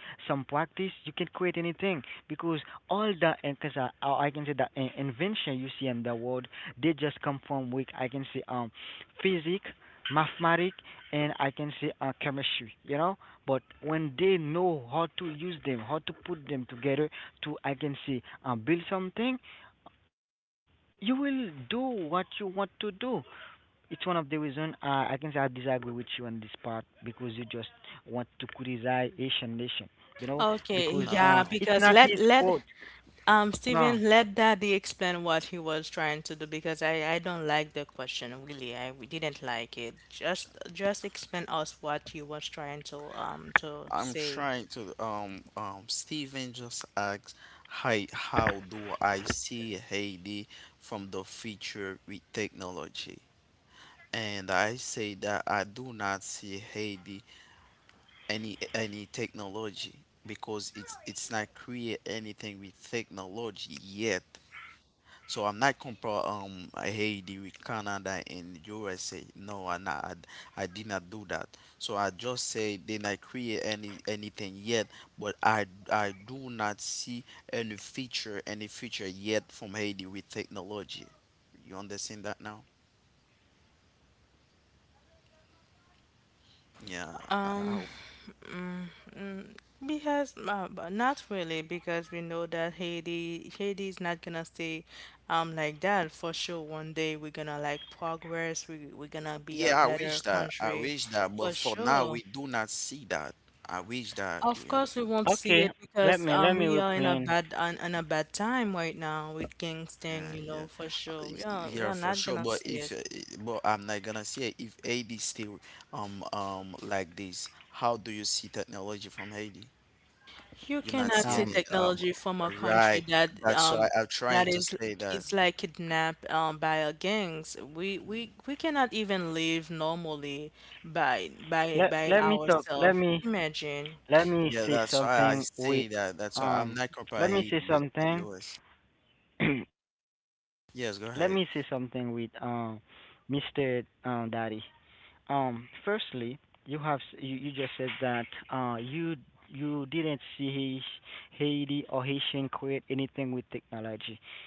Speaker 2: some practice you can create anything, because all the because I, I can say the in- invention you see in the world, they just come from weak I can say um physics, mathematics, and I can say uh, chemistry, you know, but when they know how to use them, how to put them together to I can say uh, build something, you will do what you want to do. It's one of the reason, uh, I can say I disagree with you on this part, because you just want to criticize Asian nation, you know, because
Speaker 1: Okay,
Speaker 2: uh,
Speaker 3: No,
Speaker 1: yeah,
Speaker 2: it's
Speaker 3: no.
Speaker 2: not
Speaker 1: because
Speaker 2: his
Speaker 1: let
Speaker 2: fault.
Speaker 1: let um,
Speaker 2: No,
Speaker 1: Stephen, let Daddy explain what he was trying to do, because I, I don't like the question really. I w- didn't like it. Just just explain us what you was trying to um to
Speaker 3: I'm
Speaker 1: say.
Speaker 3: trying to. Um, um. Steven just asked, "Hi, how do I see Haiti from the future with technology?" And I say that I do not see Haiti any any technology because it's it's not create anything with technology yet. So I'm not compare um Haiti with Canada and U S A. No, I not, I, I did not do that. So I just say did not create any anything yet, but I I do not see any future any future yet from Haiti with technology. You understand that now? Yeah, I, I
Speaker 1: Um,
Speaker 3: hope.
Speaker 1: mm, mm, because uh, but not really, because we know that Haiti Haiti is not gonna stay um like that for sure. One day we're gonna like progress. We we're gonna be a
Speaker 3: Yeah, I
Speaker 1: better
Speaker 3: wish that. I
Speaker 1: country
Speaker 3: wish that, but
Speaker 1: for
Speaker 3: for now
Speaker 1: sure.
Speaker 3: we do not see that. I wish that.
Speaker 1: Of
Speaker 3: Yeah,
Speaker 1: course, we
Speaker 3: yeah,
Speaker 1: won't see
Speaker 2: okay,
Speaker 1: it,
Speaker 2: let
Speaker 1: because
Speaker 2: me let
Speaker 1: um
Speaker 2: me
Speaker 1: we are in a
Speaker 2: explain.
Speaker 1: bad on, in a bad time right now with gangsting,
Speaker 3: yeah.
Speaker 1: you know, for
Speaker 3: Yeah.
Speaker 1: sure. We are we
Speaker 3: Yeah,
Speaker 1: are
Speaker 3: for
Speaker 1: not
Speaker 3: sure.
Speaker 1: gonna
Speaker 3: But
Speaker 1: see it.
Speaker 3: if, uh, eh, but I'm not gonna say if Haiti still um um like this, how do you see technology from Haiti?
Speaker 1: You
Speaker 3: You're not
Speaker 1: cannot see
Speaker 3: seeing
Speaker 2: Um,
Speaker 3: it, um,
Speaker 1: technology from a
Speaker 3: right?
Speaker 1: country that
Speaker 3: That's
Speaker 1: um
Speaker 3: why I'm
Speaker 1: that
Speaker 3: trying to
Speaker 1: is
Speaker 3: say that.
Speaker 1: it's like kidnapped um by a gangs. We we we cannot even live normally by by
Speaker 2: let
Speaker 1: by
Speaker 2: let me talk. Let
Speaker 1: ourselves.
Speaker 2: me
Speaker 1: Imagine.
Speaker 2: let me
Speaker 3: Yeah,
Speaker 2: say
Speaker 3: that's why I
Speaker 2: something with
Speaker 3: say that. That's why I'm
Speaker 2: um,
Speaker 3: not comparing
Speaker 2: let me
Speaker 3: Haiti
Speaker 2: say
Speaker 3: with the
Speaker 2: something.
Speaker 3: U S.
Speaker 2: let me say something
Speaker 3: Yes,
Speaker 2: with
Speaker 3: go ahead.
Speaker 2: um, mister Um, Daddy. Um, firstly, you have s- you, you just said that uh you you didn't see Hais- Haiti or Haitian create anything with technology.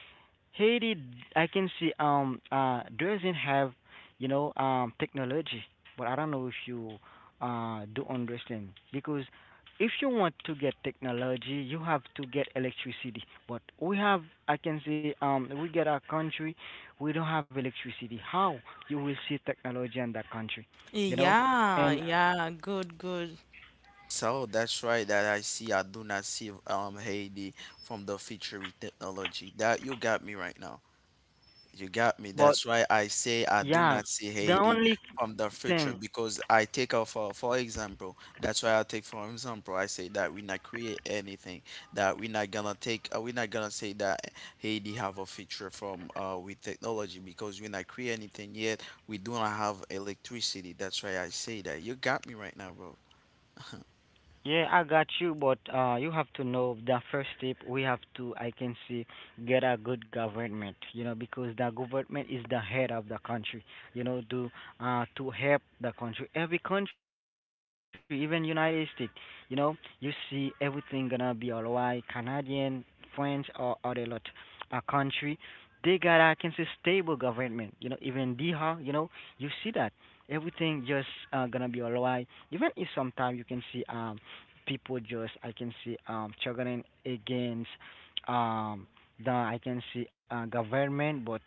Speaker 2: Haiti, I can see um uh doesn't have, you know, um technology, but I don't know if you uh do understand, because if you want to get technology, you have to get electricity. But we have, I can say, um we get our country, we don't have electricity. How you will see technology in that country, you know?
Speaker 1: Yeah,
Speaker 2: And
Speaker 1: yeah, good, good.
Speaker 3: So that's right that I see. I do not see um Haiti from the future with technology. That you got me right now.
Speaker 2: but
Speaker 3: You got me. That's
Speaker 2: yeah,
Speaker 3: why I
Speaker 2: the
Speaker 3: say I do
Speaker 2: only
Speaker 3: not see Haiti
Speaker 2: thing.
Speaker 3: from the future because I take out for for example. That's why I take for example. I say that we not create anything. That we not gonna take. Uh, we not gonna say that Haiti have a future from uh with technology because we not create anything yet. We do not have electricity. That's why I say that. You got me right now, bro.
Speaker 2: Yeah, I got you, but uh, you have to know the first step we have to, I can see, get a good government, you know, because the government is the head of the country, you know, to uh, to help the country, every country, even United States, you know, you see everything gonna be alright. Canadian, French, or other lot, a country, they got I can say stable government, you know, even D H A, you know, you see that everything just uh, gonna be alright, even if sometimes you can see um people just I can see um struggling against um the I can see uh government, but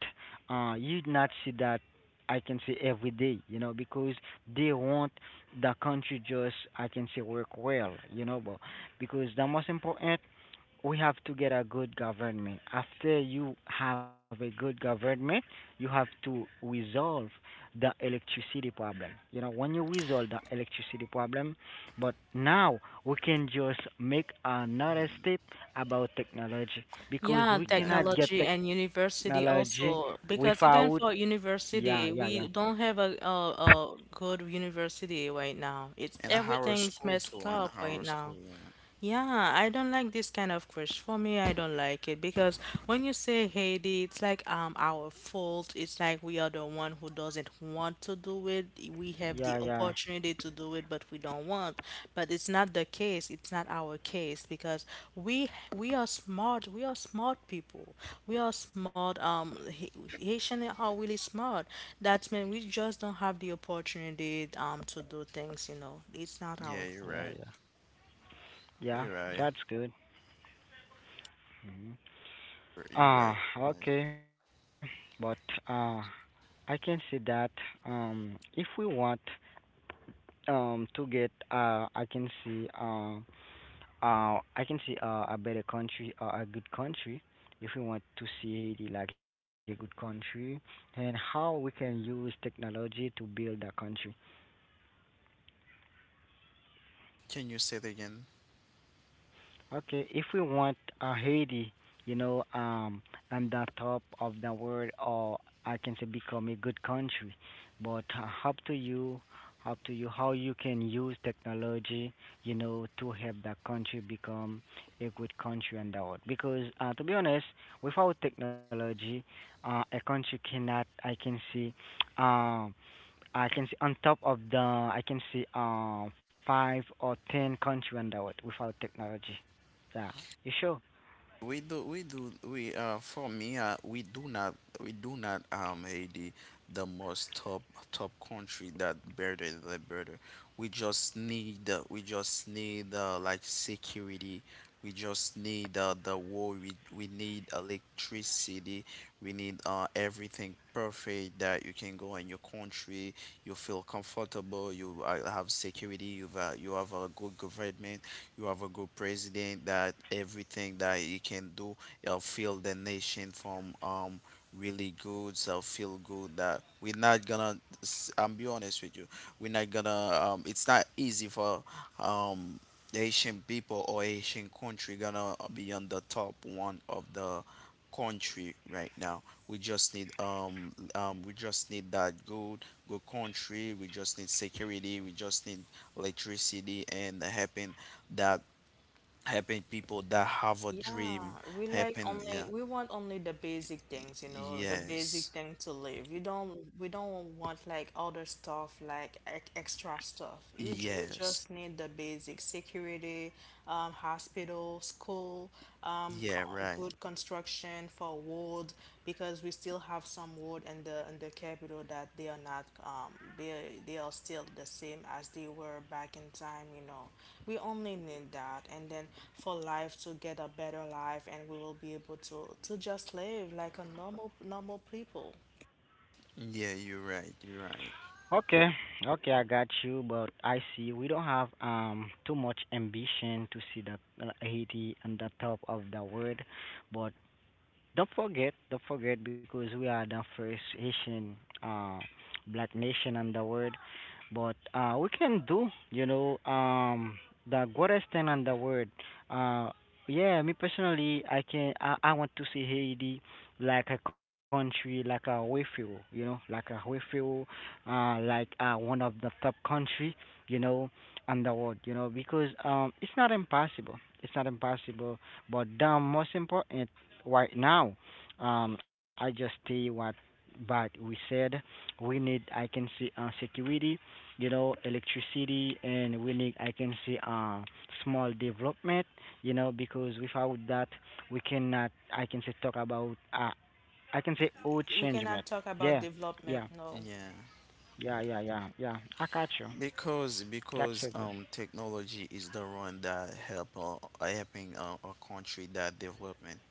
Speaker 2: uh you not see that I can see every day, you know, because they want the country just I can say work well, you know, but because the most important, we have to get a good government. After you have a good government, you have to resolve the electricity problem. You know, when you resolve the electricity problem, but now we can just make another
Speaker 3: Mhm.
Speaker 2: step about technology, because
Speaker 1: Yeah,
Speaker 2: we
Speaker 3: Yeah, yeah.
Speaker 2: cannot get
Speaker 1: technology and
Speaker 2: technology
Speaker 1: university also,
Speaker 2: without.
Speaker 1: because even for
Speaker 2: Yeah, yeah, yeah,
Speaker 1: university, we don't have a, a, a good university right now. It's
Speaker 3: And our
Speaker 1: everything's
Speaker 3: school too.
Speaker 1: messed
Speaker 3: And
Speaker 1: up
Speaker 3: our
Speaker 1: right now.
Speaker 3: school. Yeah.
Speaker 1: Yeah, I don't like this kind of crush. For me, I don't like it because when you say Haiti, it's like um our fault. It's like we are the one who doesn't want to do it. We have the
Speaker 2: yeah, yeah,
Speaker 1: opportunity to do it, but we don't want. But it's not the case. It's not our case, because we we are smart. We are smart people. We are smart. Um, Ha- Haitian are really smart. That means we just don't have the opportunity um to do things. You know, it's not
Speaker 3: Yeah,
Speaker 1: our
Speaker 3: you're
Speaker 1: fault.
Speaker 2: yeah,
Speaker 3: right.
Speaker 2: yeah.
Speaker 3: You're
Speaker 2: Yeah,
Speaker 3: right.
Speaker 2: that's good. Mm-hmm.
Speaker 3: You're right.
Speaker 2: Ah,
Speaker 3: You're right.
Speaker 2: okay. But uh I can see that um if we want um to get uh I can see uh uh I can see uh, a better country or a good country, if we want to see Haiti like a good country and how we can use technology to build a country.
Speaker 3: Can you say it again?
Speaker 2: Okay, if we want uh, Haiti, you know, um, on the top of the world, or I can say become a good country, but uh, up to you, up to you, how you can use technology, you know, to help that country become a good country on the world. Because uh, to be honest, without technology, uh, a country cannot, I can see, um I can see on top of the I can see um five or ten country on the world without technology. Yeah, you sure?
Speaker 3: We do, we do, we uh, For me, uh, we do not, we do not um, Haiti the most top top country that better the better. We just need, uh, we just need uh, like security. We just need uh, the war. We we need electricity. We need uh, everything perfect that you can go in your country. You feel comfortable. You uh, have security. You've uh, you have a good government. You have a good president that everything that you can do, you'll feel the nation from um really good. So feel good that we're not gonna. S- I'm be honest with you. We're not gonna. Um, it's not easy for um Asian people or Asian country gonna uh, be on the top one of the country right now. We just need um um we just need that good good country. We just need security. We just need electricity and helping that helping people that have a
Speaker 1: Yeah,
Speaker 3: dream,
Speaker 1: we like
Speaker 3: helping,
Speaker 1: only
Speaker 3: yeah.
Speaker 1: we want only the basic
Speaker 3: Y-
Speaker 1: things, you know, the
Speaker 3: yes,
Speaker 1: basic thing to live. You don't we don't want like other stuff, like ec- extra stuff. You ju we
Speaker 3: yes,
Speaker 1: just need the basic: security, um, hospital, school, um,
Speaker 3: yeah,
Speaker 1: co-
Speaker 3: right,
Speaker 1: good construction for wood, because we still have some wood in the in the capital that they are not um they they are still the same as they were back in time, you know. We only need that, and then for life, to get a better life, and we will be able to to just live like a normal normal people.
Speaker 3: yeah, you're right, you're right,
Speaker 2: Okay, okay, I got you, but I see we don't have um too much ambition to see that uh, Haiti on the top of the world, but don't forget, don't forget, because we are the first Haitian uh, black nation in the world. But uh, we can do, you know, um, the greatest thing in the world. Uh, yeah, me personally, I can, I, I want to see Haiti like a country, like a refuge, you know, like a refuge, uh, like uh, one of the top country, you know, in the world, you know, because um, it's not impossible. It's not impossible. But the most important right now. Um, I just see what but we said we need I can see uh, security, you know, electricity, and we need I can see uh, small development, you know, because without that we cannot I can say talk about uh, I can say old
Speaker 1: We
Speaker 2: changement.
Speaker 1: cannot talk about
Speaker 2: Yeah,
Speaker 1: development,
Speaker 2: yeah,
Speaker 1: no.
Speaker 3: yeah.
Speaker 2: yeah, yeah, yeah, yeah. I got you.
Speaker 3: because
Speaker 2: That's so
Speaker 3: because
Speaker 2: good.
Speaker 3: um technology is the one that help uh, helping uh, a country that development.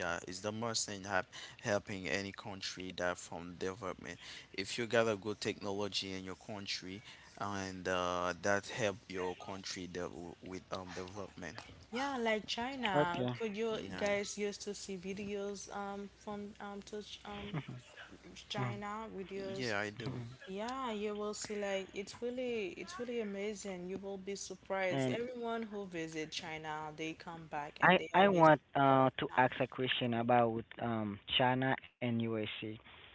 Speaker 3: Yeah, it's the most thing help, helping any country that from development. If you got a good technology in your country, and uh, that help your country de- with um development.
Speaker 1: Yeah, like
Speaker 2: Okay.
Speaker 1: China. Could you
Speaker 3: Yeah,
Speaker 1: guys used to see videos um from um to Ch- um f- China videos?
Speaker 3: yeah, I do.
Speaker 1: Yeah, you will see, like, it's really it's really amazing. You will be surprised.
Speaker 2: and
Speaker 1: Everyone who visit China, they come back and
Speaker 2: I
Speaker 1: they
Speaker 2: I
Speaker 1: always.
Speaker 2: want uh to
Speaker 1: Yeah,
Speaker 2: ask a question about um China and U S A.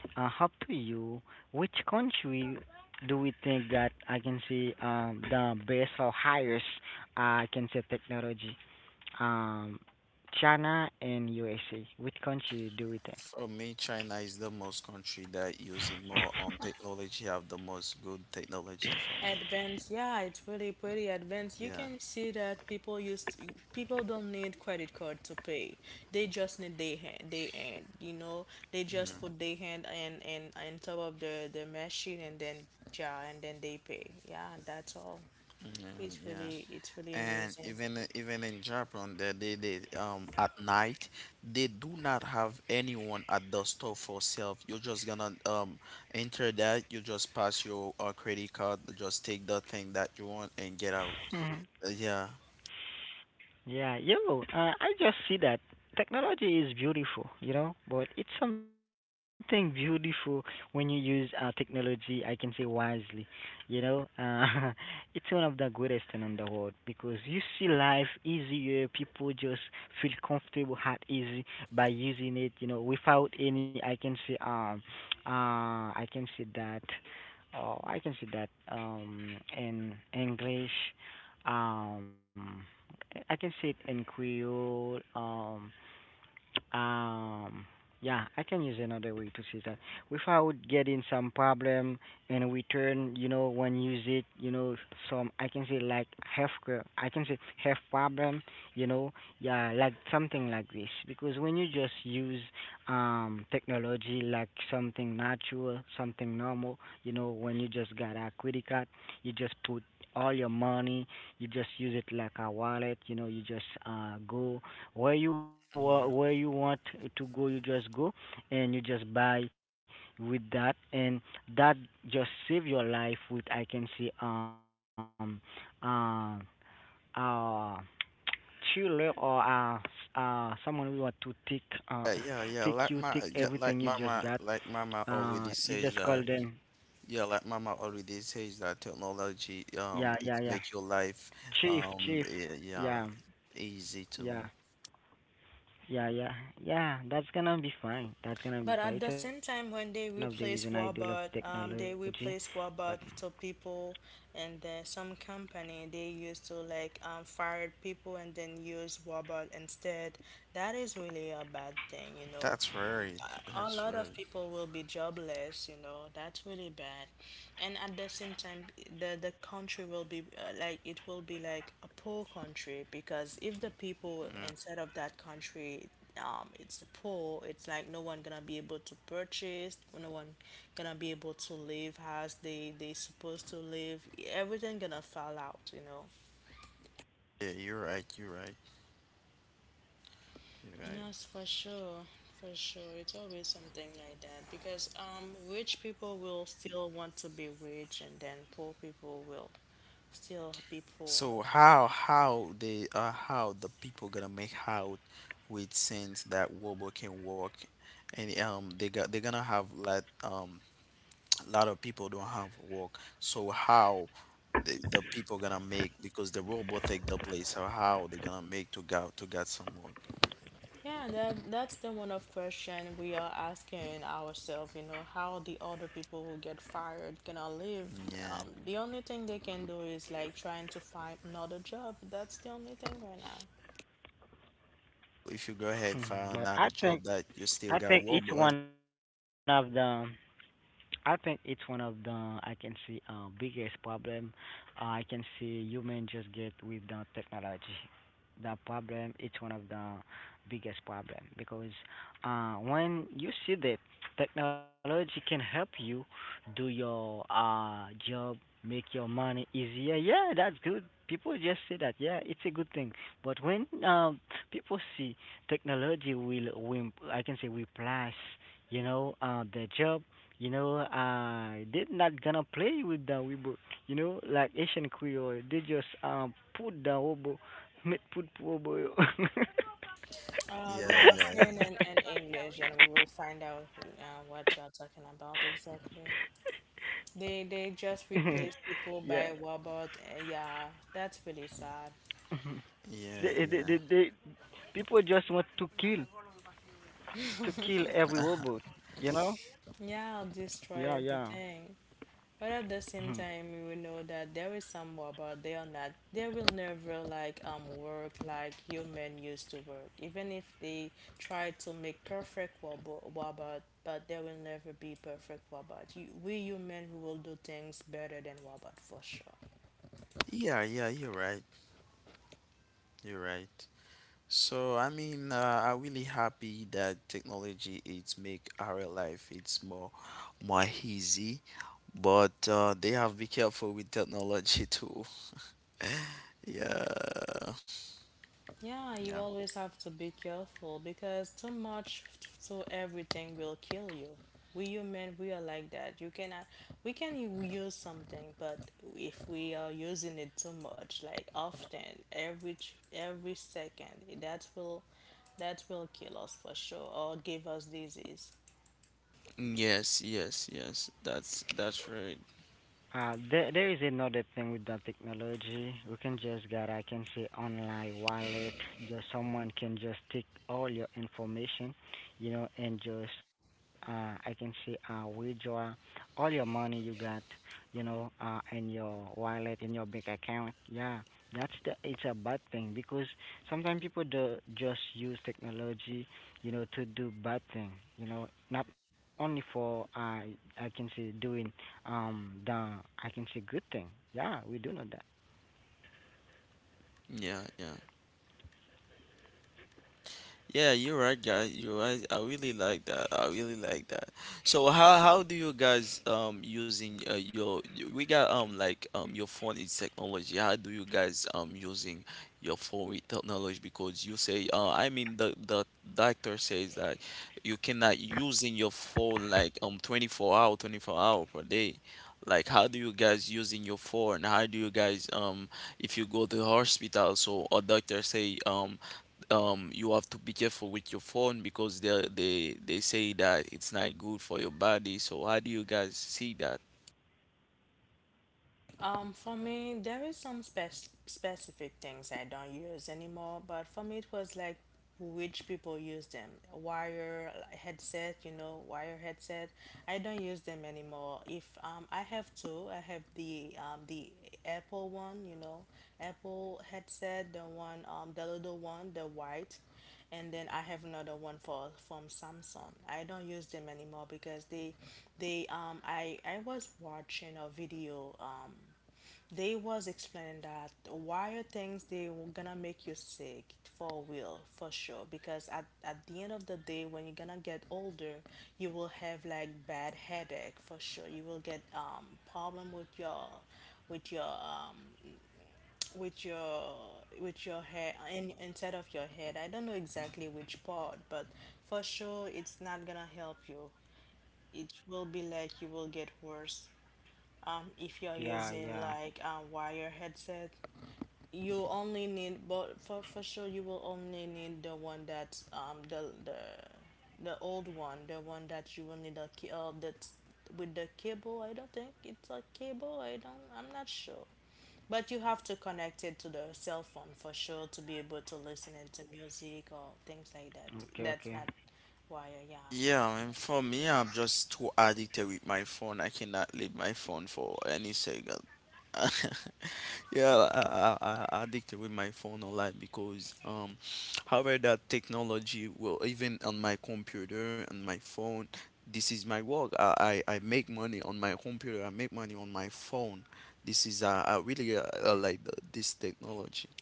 Speaker 2: Uh, up to you, which country do we think that I can see um the best or highest uh, I can say technology? Um, China and U S A. Which country do we think?
Speaker 3: For me, China is the most country that using more on technology, have the most good technology for me.
Speaker 1: advance. Yeah, it's really pretty advanced. You
Speaker 3: Yeah.
Speaker 1: can see that people used people don't need credit card to pay. They just need their hand, their hand, you know. They just
Speaker 3: Mm,
Speaker 1: put their hand and and on top of the the machine, and then, yeah, and then they pay. Yeah, that's all.
Speaker 3: yeah,
Speaker 1: It's
Speaker 3: yeah.
Speaker 1: really it's really
Speaker 3: And
Speaker 1: amazing.
Speaker 3: even i- even in Japan, they, they they um at night they do not have anyone at the store for self. You're just gonna um enter that. You just pass your uh, credit card. Just take the thing that you want and get out.
Speaker 2: Hmm.
Speaker 3: Uh, Yeah.
Speaker 2: Yeah, yo, uh, I just see that technology is beautiful, you know, but it's something beautiful when you use uh, technology, I can say wisely, you know. Uh, it's one of the greatest thing in the world because you see life easier, people just feel comfortable at easy by using it, you know, without any, I can say, um, uh, I can say that, oh, I can say that, um, in English, um I can say it in Creole. Um, um, yeah, I can use another way to say that. Without getting some problem in return, you know, when use it, you know, some I can say like health care, I can say health problem, you know, yeah, like something like this. Because when you just use um technology like something natural, something normal, you know, when you just got a credit card, you just put all your money, you just use it like a wallet, you know, you just uh go where you wa- where you want to go, you just go and you just buy with that and that just save your life with I can say um uh uh chiller or uh uh someone who want to take uh
Speaker 3: Uh,
Speaker 2: take
Speaker 3: yeah,
Speaker 2: you
Speaker 3: yeah,
Speaker 2: take
Speaker 3: like my
Speaker 2: everything you
Speaker 3: yeah,
Speaker 2: just
Speaker 3: like
Speaker 2: got
Speaker 3: mama like mama
Speaker 2: uh you
Speaker 3: already
Speaker 2: just call
Speaker 3: says
Speaker 2: them.
Speaker 3: that Yeah, like Mama already says that technology
Speaker 2: Yeah,
Speaker 3: um
Speaker 2: yeah,
Speaker 3: it
Speaker 2: yeah,
Speaker 3: make your life
Speaker 2: chief chief,
Speaker 3: um eh,
Speaker 2: yeah,
Speaker 3: yeah easy to.
Speaker 2: yeah. Yeah, yeah, yeah. That's gonna be fine. That's gonna be
Speaker 1: But
Speaker 2: fine. It's
Speaker 1: at
Speaker 2: one
Speaker 1: the
Speaker 2: of the
Speaker 1: same
Speaker 2: reason I
Speaker 1: time,
Speaker 2: do
Speaker 1: when
Speaker 2: love
Speaker 1: they replace
Speaker 2: technology,
Speaker 1: robot,
Speaker 2: but
Speaker 1: um, they replace robot to people, and then some company they used to like um, fire people and then use robot instead. That is really a bad thing, you know,
Speaker 3: That's right.
Speaker 1: a
Speaker 3: That's
Speaker 1: lot of
Speaker 3: right.
Speaker 1: people will be jobless, you know, that's really bad. And at the same time, the the country will be uh, like, it will be like a poor country, because if the people inside of that country um it's poor, it's like no one gonna be able to purchase, no one gonna be able to live as they they supposed to live. Everything gonna fall out, you know.
Speaker 3: Yeah, you're right. You're right. You're right.
Speaker 1: Yes, for sure. For sure. It's always something like that, because um rich people will still want to be rich, and then poor people will still be poor.
Speaker 3: So how how they uh how the people gonna make out with sense that robot can work and um they got they're gonna have like um lot of people don't have work. So how the, the people gonna make because the robot take the place. So how they gonna make to go to get some work?
Speaker 1: Yeah, that that's the one of question we are asking ourselves, you know, how the other people who get fired gonna live. Um,
Speaker 3: Yeah.
Speaker 1: the only thing they can do is like trying to find another job. That's the only thing right now.
Speaker 3: If you go ahead and find
Speaker 2: but
Speaker 3: another
Speaker 2: I think
Speaker 3: job that you still
Speaker 2: I
Speaker 3: got
Speaker 2: think
Speaker 3: work,
Speaker 2: it's
Speaker 3: but
Speaker 2: one of the I think it's one of the I can see uh biggest problem uh, I can see human just get with the technology. The problem it's one of the Biggest problem because uh, when you see that technology can help you do your uh, job, make your money easier, yeah, that's good. People just say that, yeah, it's a good thing. But when um, people see technology will, will I can say replace you know uh, the job, you know uh, they're not gonna play with the robot, you know, like Asian Creole, they just um put the robot. Met food poor boy.
Speaker 1: Uh,
Speaker 3: yeah,
Speaker 1: yeah,
Speaker 3: yeah,
Speaker 1: saying in, in English, and we will find out uh, what you're talking about exactly. They they just replace
Speaker 2: yeah.
Speaker 1: people by robot. And yeah, that's pretty sad.
Speaker 2: They,
Speaker 3: yeah,
Speaker 2: they, they,
Speaker 3: yeah.
Speaker 2: they, people just want to kill, to kill every robot, you know?
Speaker 1: Yeah, destroy
Speaker 2: Yeah, yeah.
Speaker 1: everything. But at the same
Speaker 2: Mhm.
Speaker 1: time, we will know that there is some robot. They are not. They will never like um work like human used to work. Even if they try to make perfect robo- robot, but there will never be perfect robot. You, we human, we will do things better than robot for sure.
Speaker 3: Yeah, yeah, you're right. You're right. So I mean, uh, I'm really happy that technology it's make our life it's more more easy, but uh, they have be careful with technology too. Yeah,
Speaker 1: Yeah, you
Speaker 3: yeah.
Speaker 1: always have to be careful, because too much, so everything will kill you. We human, we are like that. You cannot, we can u- use something, but if we are using it too much, like often, every ch- every second, that will that will kill us for sure, or give us disease.
Speaker 3: Yes, yes, yes. That's that's right.
Speaker 2: Uh, there, there is another thing with the technology. We can just get, I can say, online wallet. Just someone can just take all your information, you know, and just, uh, I can say, uh, withdraw all your money you got, you know, uh, in your wallet, in your bank account. Yeah, that's the, it's a bad thing because sometimes people do just use technology, you know, to do bad thing, you know, not only for, uh, I can say, doing um, the I can say good thing. Yeah, we do know that.
Speaker 3: Yeah, yeah. Yeah, you're right, guys. You're right. I really like that. I really like that. So how how do you guys um using uh, your y- we got um like um your phone is technology. How do you guys um using your phone with technology? Because you say uh I mean the the doctor says that you cannot using your phone like um twenty-four hour twenty-four hour per day. Like how do you guys using your phone? How do you guys um if you go to the hospital so a doctor say um um you have to be careful with your phone because they they they say that it's not good for your body. So how do you guys see that?
Speaker 1: Um, for me, there is some spec- specific things I don't use anymore, but for me, it was like which people use them. Wire, like, headset, you know, wire headset. I don't use them anymore. If um, I have two, I have the um, the Apple one, you know, Apple headset, the one, um, the little one, the white, and then I have another one for from Samsung. I don't use them anymore, because they they um I I was watching a video, um they was explaining that why are things they were gonna make you sick, for real, for sure, because at, at the end of the day, when you're gonna get older, you will have like bad headache for sure. You will get um problem with your with your um with your with your hair in, inside of your head. I don't know exactly which part, but for sure it's not gonna help you. It will be like you will get worse um, if you're using
Speaker 2: Yeah,
Speaker 1: like
Speaker 2: yeah.
Speaker 1: a wire headset. You only need, but for, for sure, you will only need the one that, um the the the old one, the one that you will need a key, uh, that with the cable. I don't think it's a cable, I don't, I'm not sure, but you have to connect it to the cell phone for sure to be able to listen into music or things like that. That's not
Speaker 2: Okay, okay.
Speaker 1: wire, yeah.
Speaker 3: Yeah, I mean, for me, I'm just too addicted with my phone. I cannot leave my phone for any second. Yeah, I, I, I addicted with my phone a lot because um, however that technology will even on my computer and my phone. This is my work. I, I, I make money on my computer. I make money on my phone. This is uh, I really uh, uh, like the, this technology.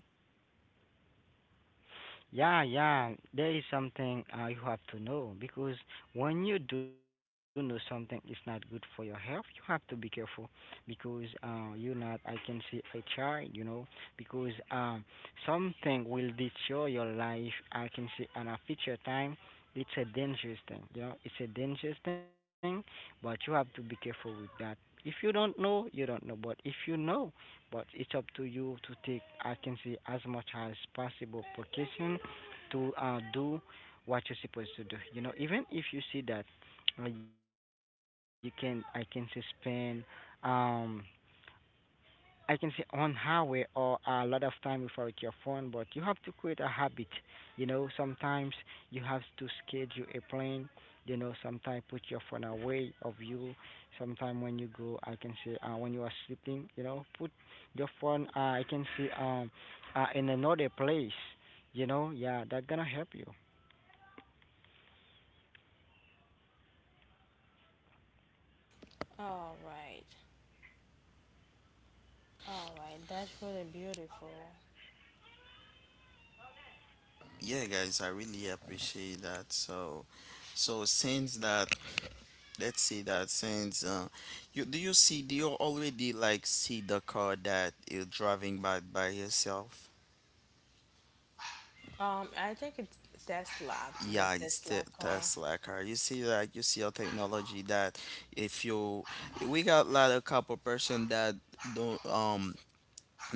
Speaker 2: Yeah, yeah, there is something uh, you have to know, because when you do know something is not good for your health, you have to be careful because uh, you're not, I can see a child, you know, because um, something will destroy your life. I can see in a future time, it's a dangerous thing, you know, it's a dangerous thing, but you have to be careful with that. If you don't know, you don't know, but if you know, but it's up to you to take I can say as much as possible precaution to uh, do what you're supposed to do. You know, even if you see that uh, you can, I can say spend, um, I can say on highway or a lot of time without your phone, but you have to create a habit. You know, sometimes you have to schedule a plane. You know, sometimes put your phone away of you. Sometimes when you go, I can say uh, when you are sleeping, you know, put your phone. Uh, I can say um, uh, in another place. You know, yeah, that's gonna help you.
Speaker 1: All right, all right, that's really beautiful.
Speaker 3: Yeah, guys, I really appreciate that. So, so since that let's say that since uh, you do you see do you already like see the car that you're driving by by yourself?
Speaker 1: Um, I think it's tesla the
Speaker 3: Yeah, it's
Speaker 1: Tesla
Speaker 3: the
Speaker 1: car.
Speaker 3: Tesla car. You see that you see a technology that if you we got like, a lot of couple person that don't um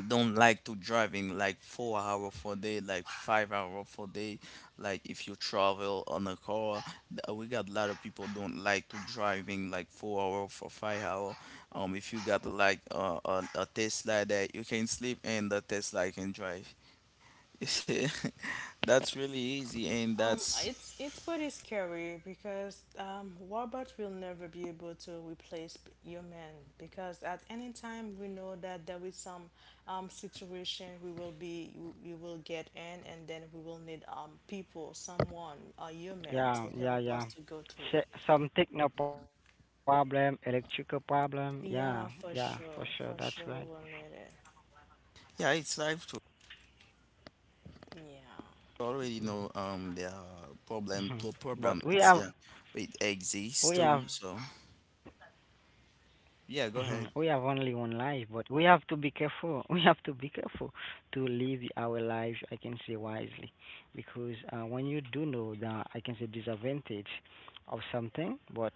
Speaker 3: don't like to driving like four hour for day like five hour for day like if you travel on a car th- uh, we got a lot of people don't like to driving like four hour for five hour um if you got like uh, a, a tesla that you can sleep and the tesla can drive that's really easy and
Speaker 1: Um,
Speaker 3: that's
Speaker 1: it's it's pretty scary, because um, robots will never be able to replace p- human, because at any time we know that there is some um, situation we will be we will get in, and then we will need um people, someone, a human, to
Speaker 2: Yeah,
Speaker 1: help
Speaker 2: yeah,
Speaker 1: us
Speaker 2: yeah.
Speaker 1: to go through.
Speaker 2: Se- some techno problem, electrical problem. Yeah, yeah,
Speaker 1: Yeah,
Speaker 2: for
Speaker 1: for
Speaker 2: sure. That's
Speaker 1: sure,
Speaker 2: right.
Speaker 1: for sure we'll need it.
Speaker 3: yeah it's life too
Speaker 1: Yeah.
Speaker 3: already know um the uh, problem
Speaker 2: Mhm.
Speaker 3: to problem
Speaker 2: But we
Speaker 3: it's
Speaker 2: have,
Speaker 3: yeah but it exists
Speaker 2: we
Speaker 3: too
Speaker 2: have,
Speaker 3: so
Speaker 2: mhm, we have
Speaker 3: yeah go
Speaker 2: only
Speaker 3: ahead
Speaker 2: one life. But we have to be careful. We have to be careful to live our lives. I can say wisely, because uh, when you do know the, I can say disadvantage of something, but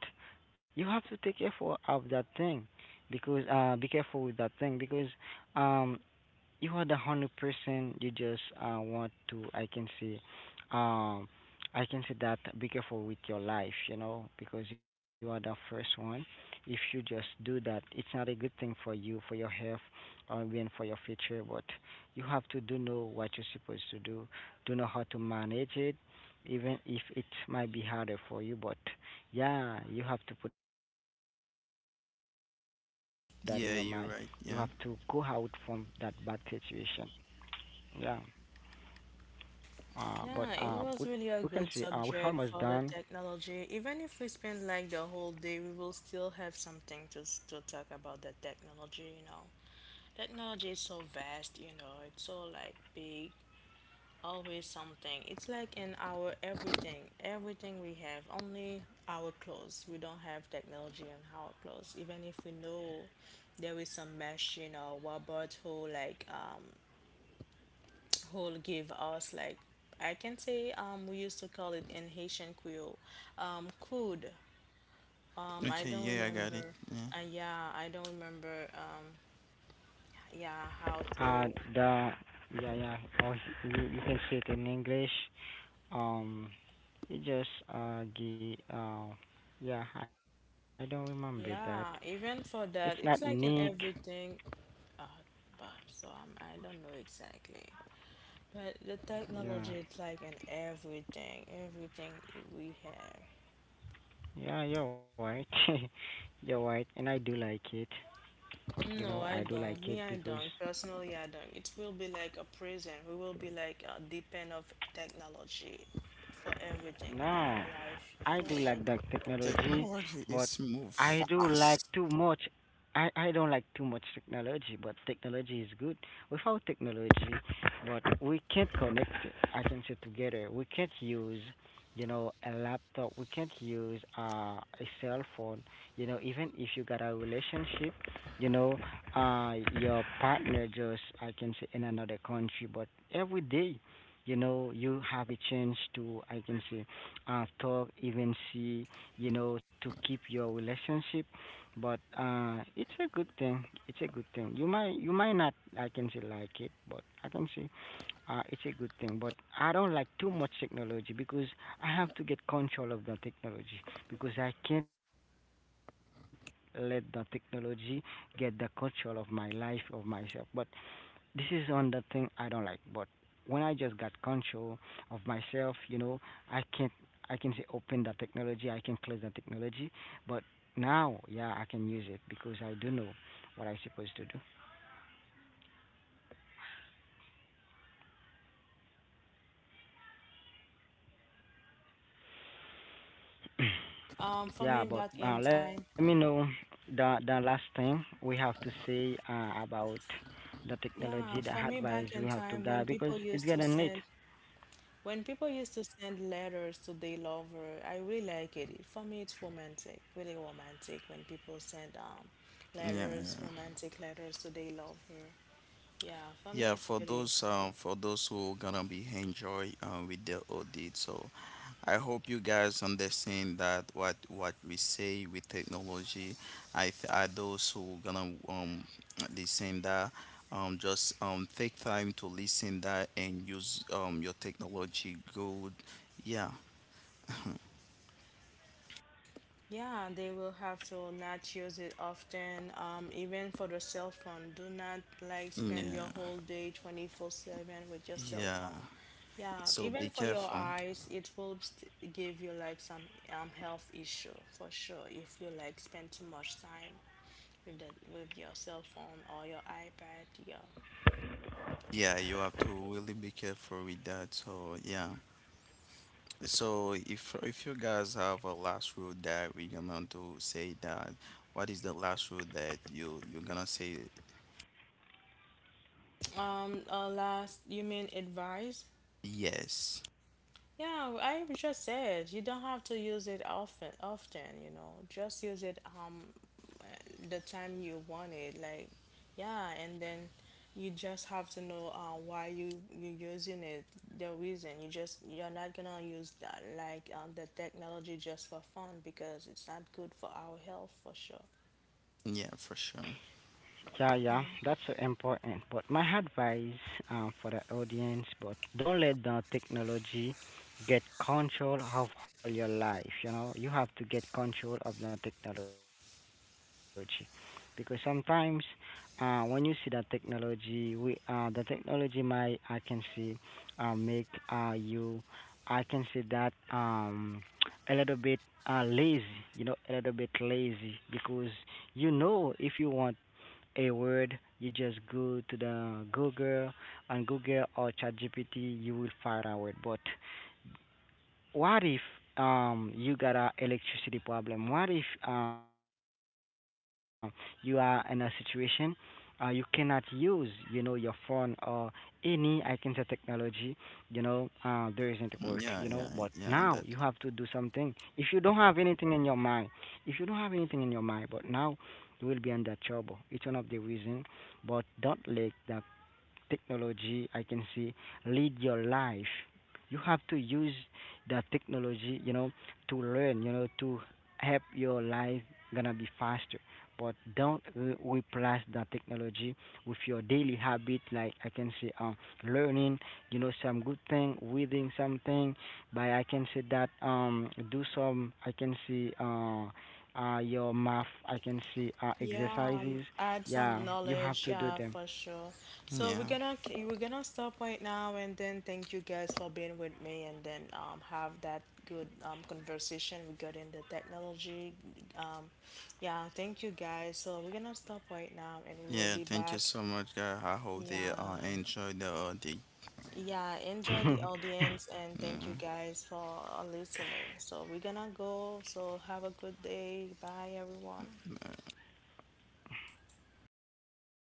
Speaker 2: you have to take careful of that thing, because uh, be careful with that thing, because um you are the hundred percent. You just uh, want to. I can see, um, I can see that. Be careful with your life, you know, because you are the first one. If you just do that, it's not a good thing for you, for your health, or even for your future. But you have to do know what you're supposed to do. Do know how to manage it, even if it might be harder for you. But yeah, you have to put that in your mind. You have to go out from
Speaker 3: yeah
Speaker 2: that
Speaker 3: you're
Speaker 2: bad
Speaker 3: right. Yeah.
Speaker 2: situation. Yeah. Uh, but uh, we we can
Speaker 1: Yeah,
Speaker 2: see
Speaker 1: it
Speaker 2: uh we're
Speaker 1: was really a
Speaker 2: almost
Speaker 1: good
Speaker 2: done.
Speaker 1: subject for the technology. Even if we spend like the whole day, we will still have something to s- to talk about the technology, you know. Technology is so vast, you know. It's so like big, always something. It's like in our everything, everything we have, only our clothes. We don't have technology on our clothes, even if we know there is some machine or robot who like um who give us like, I can say, um we used to call it in Haitian Creole, um crude. Um, I
Speaker 3: Okay,
Speaker 1: don't
Speaker 3: yeah, I got
Speaker 1: remember.
Speaker 3: it.
Speaker 1: Uh,
Speaker 3: Yeah.
Speaker 1: yeah, I don't remember. Um, yeah, how to.
Speaker 2: Uh, the yeah, yeah. Oh, you you can see it in English. Um, you just uh gi uh yeah. I don't remember that.
Speaker 1: Yeah, even
Speaker 2: It's
Speaker 1: for
Speaker 2: not
Speaker 1: that, it's
Speaker 2: Nick.
Speaker 1: like in everything. Uh, but so, um, I don't know exactly. But the technology,
Speaker 2: Yeah,
Speaker 1: it's like in everything, everything we have.
Speaker 2: yeah. You're right. You're right. And I do like it. You
Speaker 1: No,
Speaker 2: know
Speaker 1: I
Speaker 2: I do
Speaker 1: don't. Me,
Speaker 2: like
Speaker 1: I
Speaker 2: it
Speaker 1: don't.
Speaker 2: because
Speaker 1: Personally, I don't. It will be like a prison. We will be like a depend of technology for everything in our
Speaker 2: no,
Speaker 1: life. I don't
Speaker 2: I do
Speaker 1: like.
Speaker 2: like that technology,
Speaker 3: Technology is
Speaker 2: but
Speaker 3: move
Speaker 2: I do like
Speaker 3: fast.
Speaker 2: too much. I, I don't like too much technology, but technology is good. Without technology, but we can't connect, I can say together. We can't use, you know, a laptop. We can't use uh, a cell phone. You know, even if you got a relationship, you know, uh, your partner just, I can say, in another country, but every day, you know you have a chance to I can say uh talk, even see, you know, to keep your relationship. But uh it's a good thing it's a good thing. You might, you might not I can say like it, but I can say uh, it's a good thing. But I don't like too much technology because I have to get control of the technology because I can't let the technology get the control of my life of myself. But this is another thing I don't like, but when I just got control of myself, you know, I can not I can say open the technology, I can close the technology, but now, yeah, I can use it because I do know what I'm supposed to do.
Speaker 1: Um, for me, back
Speaker 2: Yeah,
Speaker 1: in
Speaker 2: but
Speaker 1: time,
Speaker 2: uh, let me know the the last thing we have to say uh, about the
Speaker 1: yeah, for
Speaker 2: technology,
Speaker 1: me,
Speaker 2: the
Speaker 1: back in
Speaker 2: advice we
Speaker 1: time,
Speaker 2: have
Speaker 1: when
Speaker 2: to
Speaker 1: people
Speaker 2: give
Speaker 1: used
Speaker 2: because
Speaker 1: to
Speaker 2: it's
Speaker 1: send,
Speaker 2: getting late.
Speaker 1: when people used to send letters to their lover, I really like it. For me, it's romantic, really romantic, when people send um letters,
Speaker 3: Yeah,
Speaker 1: romantic letters to their lover. Yeah, for me,
Speaker 3: yeah.
Speaker 1: it's
Speaker 3: For
Speaker 1: really.
Speaker 3: those um, for those who gonna be enjoy um with the audit, so I hope you guys understand that what what we say with technology. I th- are those who gonna um listen that um just um take time to listen that and use um your technology good. Yeah,
Speaker 1: Yeah, they will have to not use it often. Um, even for the cell phone, do not like spend your
Speaker 3: yeah,
Speaker 1: whole day twenty-four seven with your cell
Speaker 3: yeah.
Speaker 1: phone. Yeah,
Speaker 3: So
Speaker 1: even
Speaker 3: be
Speaker 1: for your
Speaker 3: careful.
Speaker 1: eyes, it will st give you like some um health issue for sure, if you like spend too much time with the with your cell phone or your iPad. Yeah.
Speaker 3: Yeah, you have to really be careful with that. So yeah. So if if you guys have a last rule that we're gonna do say that what is the last rule that you you're gonna say
Speaker 1: Um, uh, last, you mean advice.
Speaker 3: yes.
Speaker 1: Yeah, I just said you don't have to use it often. Often, you know, just use it um the time you want it. Like, yeah, and then you just have to know uh, why you you're using it. The reason, you just you're not gonna use that like, um, the technology just for fun, because it's not good for our health for sure.
Speaker 3: Yeah, for sure.
Speaker 2: Yeah, yeah, that's so important. But my advice um, for the audience, but don't let the technology get control of all your life. You know, you have to get control of the technology, because sometimes uh, when you see the technology, we uh, the technology might I can see uh, make uh, you I can see that um, a little bit uh, lazy. You know, a little bit lazy because you know if you want a word, you just go to the Google, on Google or ChatGPT, you will find a word. But what if um you got a electricity problem? What if um you are in a situation uh, you cannot use you know your phone or any I can say technology, you know uh, there isn't work, you know, but now
Speaker 3: Yeah,
Speaker 2: you
Speaker 3: yeah,
Speaker 2: have to do
Speaker 3: yeah, that
Speaker 2: something if you don't have anything in your mind, if you don't have anything in your mind but now you will be under trouble. It's one of the reason, but don't let that technology I can see, lead your life. You have to use the technology, you know, to learn, you know, to help your life gonna be faster. But don't re- replace the technology with your daily habit, like I can say, um, learning, you know, some good thing, reading something. By I can say that um, do some, I can see uh, uh, your math, I can see uh,
Speaker 1: Yeah, um,
Speaker 2: exercises.
Speaker 1: add some
Speaker 2: Yeah, you
Speaker 1: knowledge.
Speaker 2: have to
Speaker 1: Yeah,
Speaker 2: do
Speaker 1: for
Speaker 2: them.
Speaker 1: sure. So we're
Speaker 3: yeah.
Speaker 1: gonna k- we're gonna stop right now, and then thank you guys for being with me, and then um have that good um conversation regarding the technology. Um, yeah, thank you guys. So we're gonna stop right now, and we will be
Speaker 3: Yeah,
Speaker 1: back.
Speaker 3: thank you so much guys. I hope they
Speaker 1: Yeah,
Speaker 3: uh enjoy the uh, the
Speaker 1: yeah. Enjoy the audience, and thank you
Speaker 3: yeah.
Speaker 1: guys for uh, listening. So we're gonna go. So have a good day. Bye, everyone.